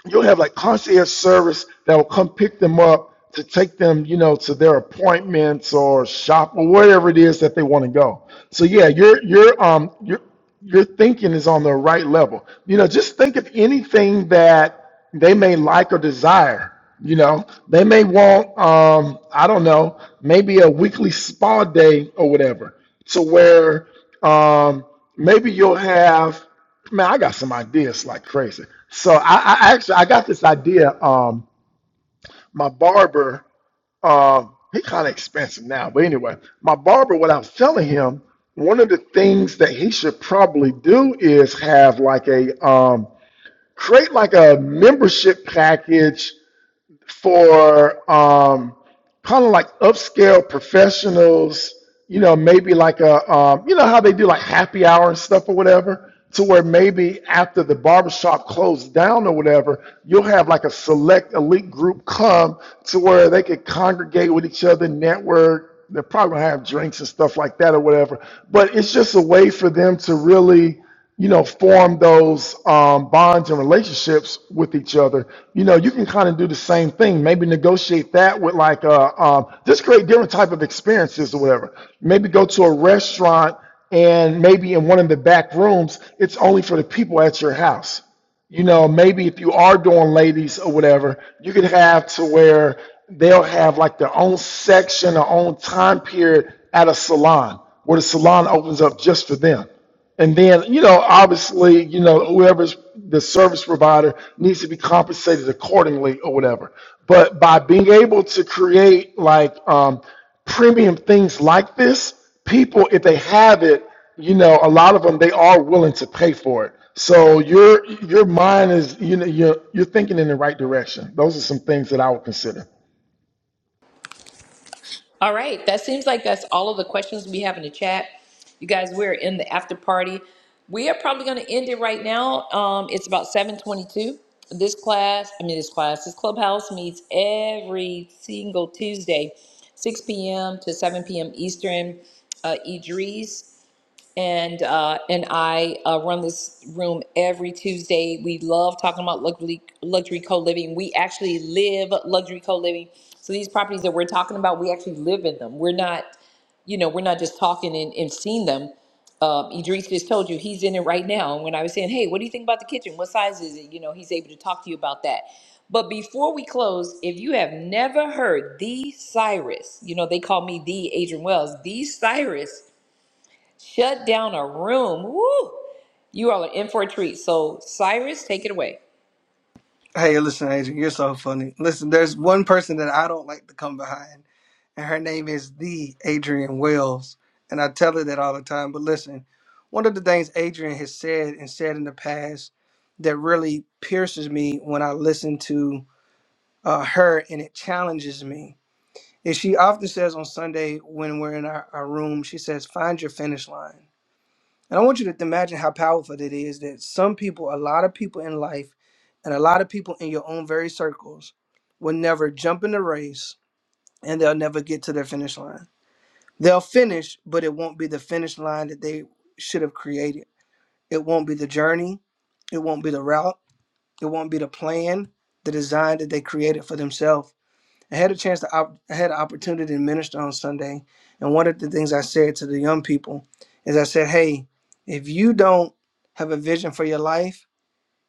you'll have like concierge service that will come pick them up to take them, you know, to their appointments or shop or wherever it is that they want to go. So yeah, your your um your your thinking is on the right level. You know, just think of anything that they may like or desire. You know, they may want um I don't know maybe a weekly spa day or whatever. To where um maybe you'll have Man, I got some ideas like crazy. So I, I actually I got this idea. Um, my barber, um, he kind of expensive now, but anyway, my barber. What I was telling him, one of the things that he should probably do is have like a um, create like a membership package for um, kind of like upscale professionals, you know, maybe like a, um, you know, how they do like happy hour and stuff or whatever, to where maybe after the barbershop closed down or whatever, you'll have like a select elite group come to where they could congregate with each other, network. They're probably gonna have drinks and stuff like that or whatever. But it's just a way for them to really you know, form those um, bonds and relationships with each other. You know, you can kind of do the same thing. Maybe negotiate that with like uh, um, just create different type of experiences or whatever. Maybe go to a restaurant and maybe in one of the back rooms, it's only for the people at your house. You know, maybe if you are doing ladies or whatever, you could have to where they'll have like their own section, their own time period at a salon where the salon opens up just for them and then, you know, obviously, you know, whoever's the service provider needs to be compensated accordingly or whatever. But by being able to create like um, premium things like this, people, if they have it, you know, a lot of them they are willing to pay for it. So your your mind is, you know, you're you're thinking in the right direction. Those are some things that I would consider. All right, that seems like that's all of the questions we have in the chat. You guys, we're in the after party. We are probably going to end it right now. Um, it's about 7:22. This class, I mean this class, this clubhouse meets every single Tuesday, 6 p.m. to 7 p.m. Eastern. Uh, Idris and uh, and I uh, run this room every Tuesday. We love talking about luxury luxury co living. We actually live luxury co living. So these properties that we're talking about, we actually live in them. We're not, you know, we're not just talking and, and seeing them. Um, Idris just told you he's in it right now. And when I was saying, hey, what do you think about the kitchen? What size is it? You know, he's able to talk to you about that. But before we close, if you have never heard the Cyrus, you know, they call me the Adrian Wells, the Cyrus Shut down a room. Woo! You all are in for a treat. So, Cyrus, take it away. Hey, listen, Adrian, you're so funny. Listen, there's one person that I don't like to come behind, and her name is the Adrian Wells. And I tell her that all the time. But listen, one of the things Adrian has said and said in the past that really pierces me when I listen to uh, her and it challenges me is she often says on Sunday when we're in our, our room, she says, Find your finish line. And I want you to imagine how powerful that is that some people, a lot of people in life, and a lot of people in your own very circles will never jump in the race and they'll never get to their finish line. They'll finish, but it won't be the finish line that they should have created. It won't be the journey, it won't be the route, it won't be the plan, the design that they created for themselves. I had a chance to op- I had an opportunity to minister on Sunday, and one of the things I said to the young people is I said, "Hey, if you don't have a vision for your life,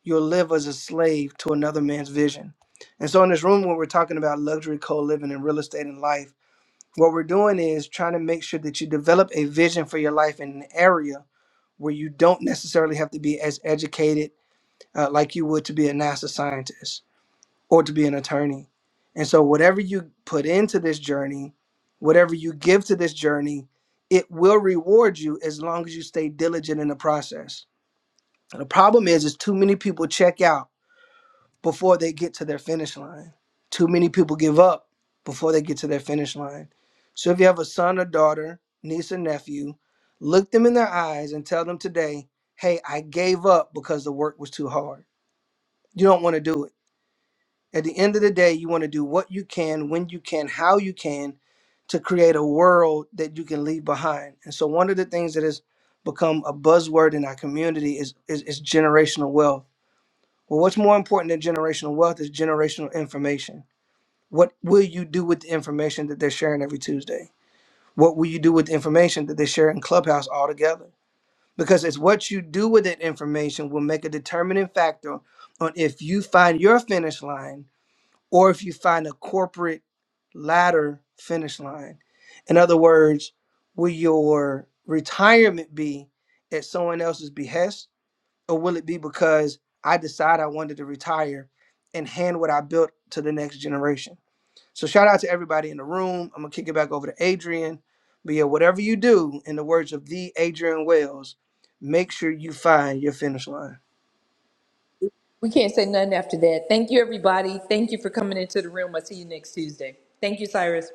you'll live as a slave to another man's vision." And so in this room when we're talking about luxury co-living and real estate and life, what we're doing is trying to make sure that you develop a vision for your life in an area where you don't necessarily have to be as educated uh, like you would to be a NASA scientist or to be an attorney. And so, whatever you put into this journey, whatever you give to this journey, it will reward you as long as you stay diligent in the process. And the problem is, is too many people check out before they get to their finish line. Too many people give up before they get to their finish line. So, if you have a son or daughter, niece or nephew, look them in their eyes and tell them today, "Hey, I gave up because the work was too hard. You don't want to do it." At the end of the day, you want to do what you can, when you can, how you can to create a world that you can leave behind. And so one of the things that has become a buzzword in our community is is, is generational wealth. Well, what's more important than generational wealth is generational information. What will you do with the information that they're sharing every Tuesday? What will you do with the information that they share in Clubhouse altogether? Because it's what you do with that information will make a determining factor on if you find your finish line or if you find a corporate ladder finish line. In other words, will your retirement be at someone else's behest, or will it be because I decide I wanted to retire and hand what I built to the next generation? So, shout out to everybody in the room. I'm gonna kick it back over to Adrian. But yeah, whatever you do, in the words of the Adrian Wells, make sure you find your finish line. We can't say nothing after that. Thank you, everybody. Thank you for coming into the room. I'll see you next Tuesday. Thank you, Cyrus.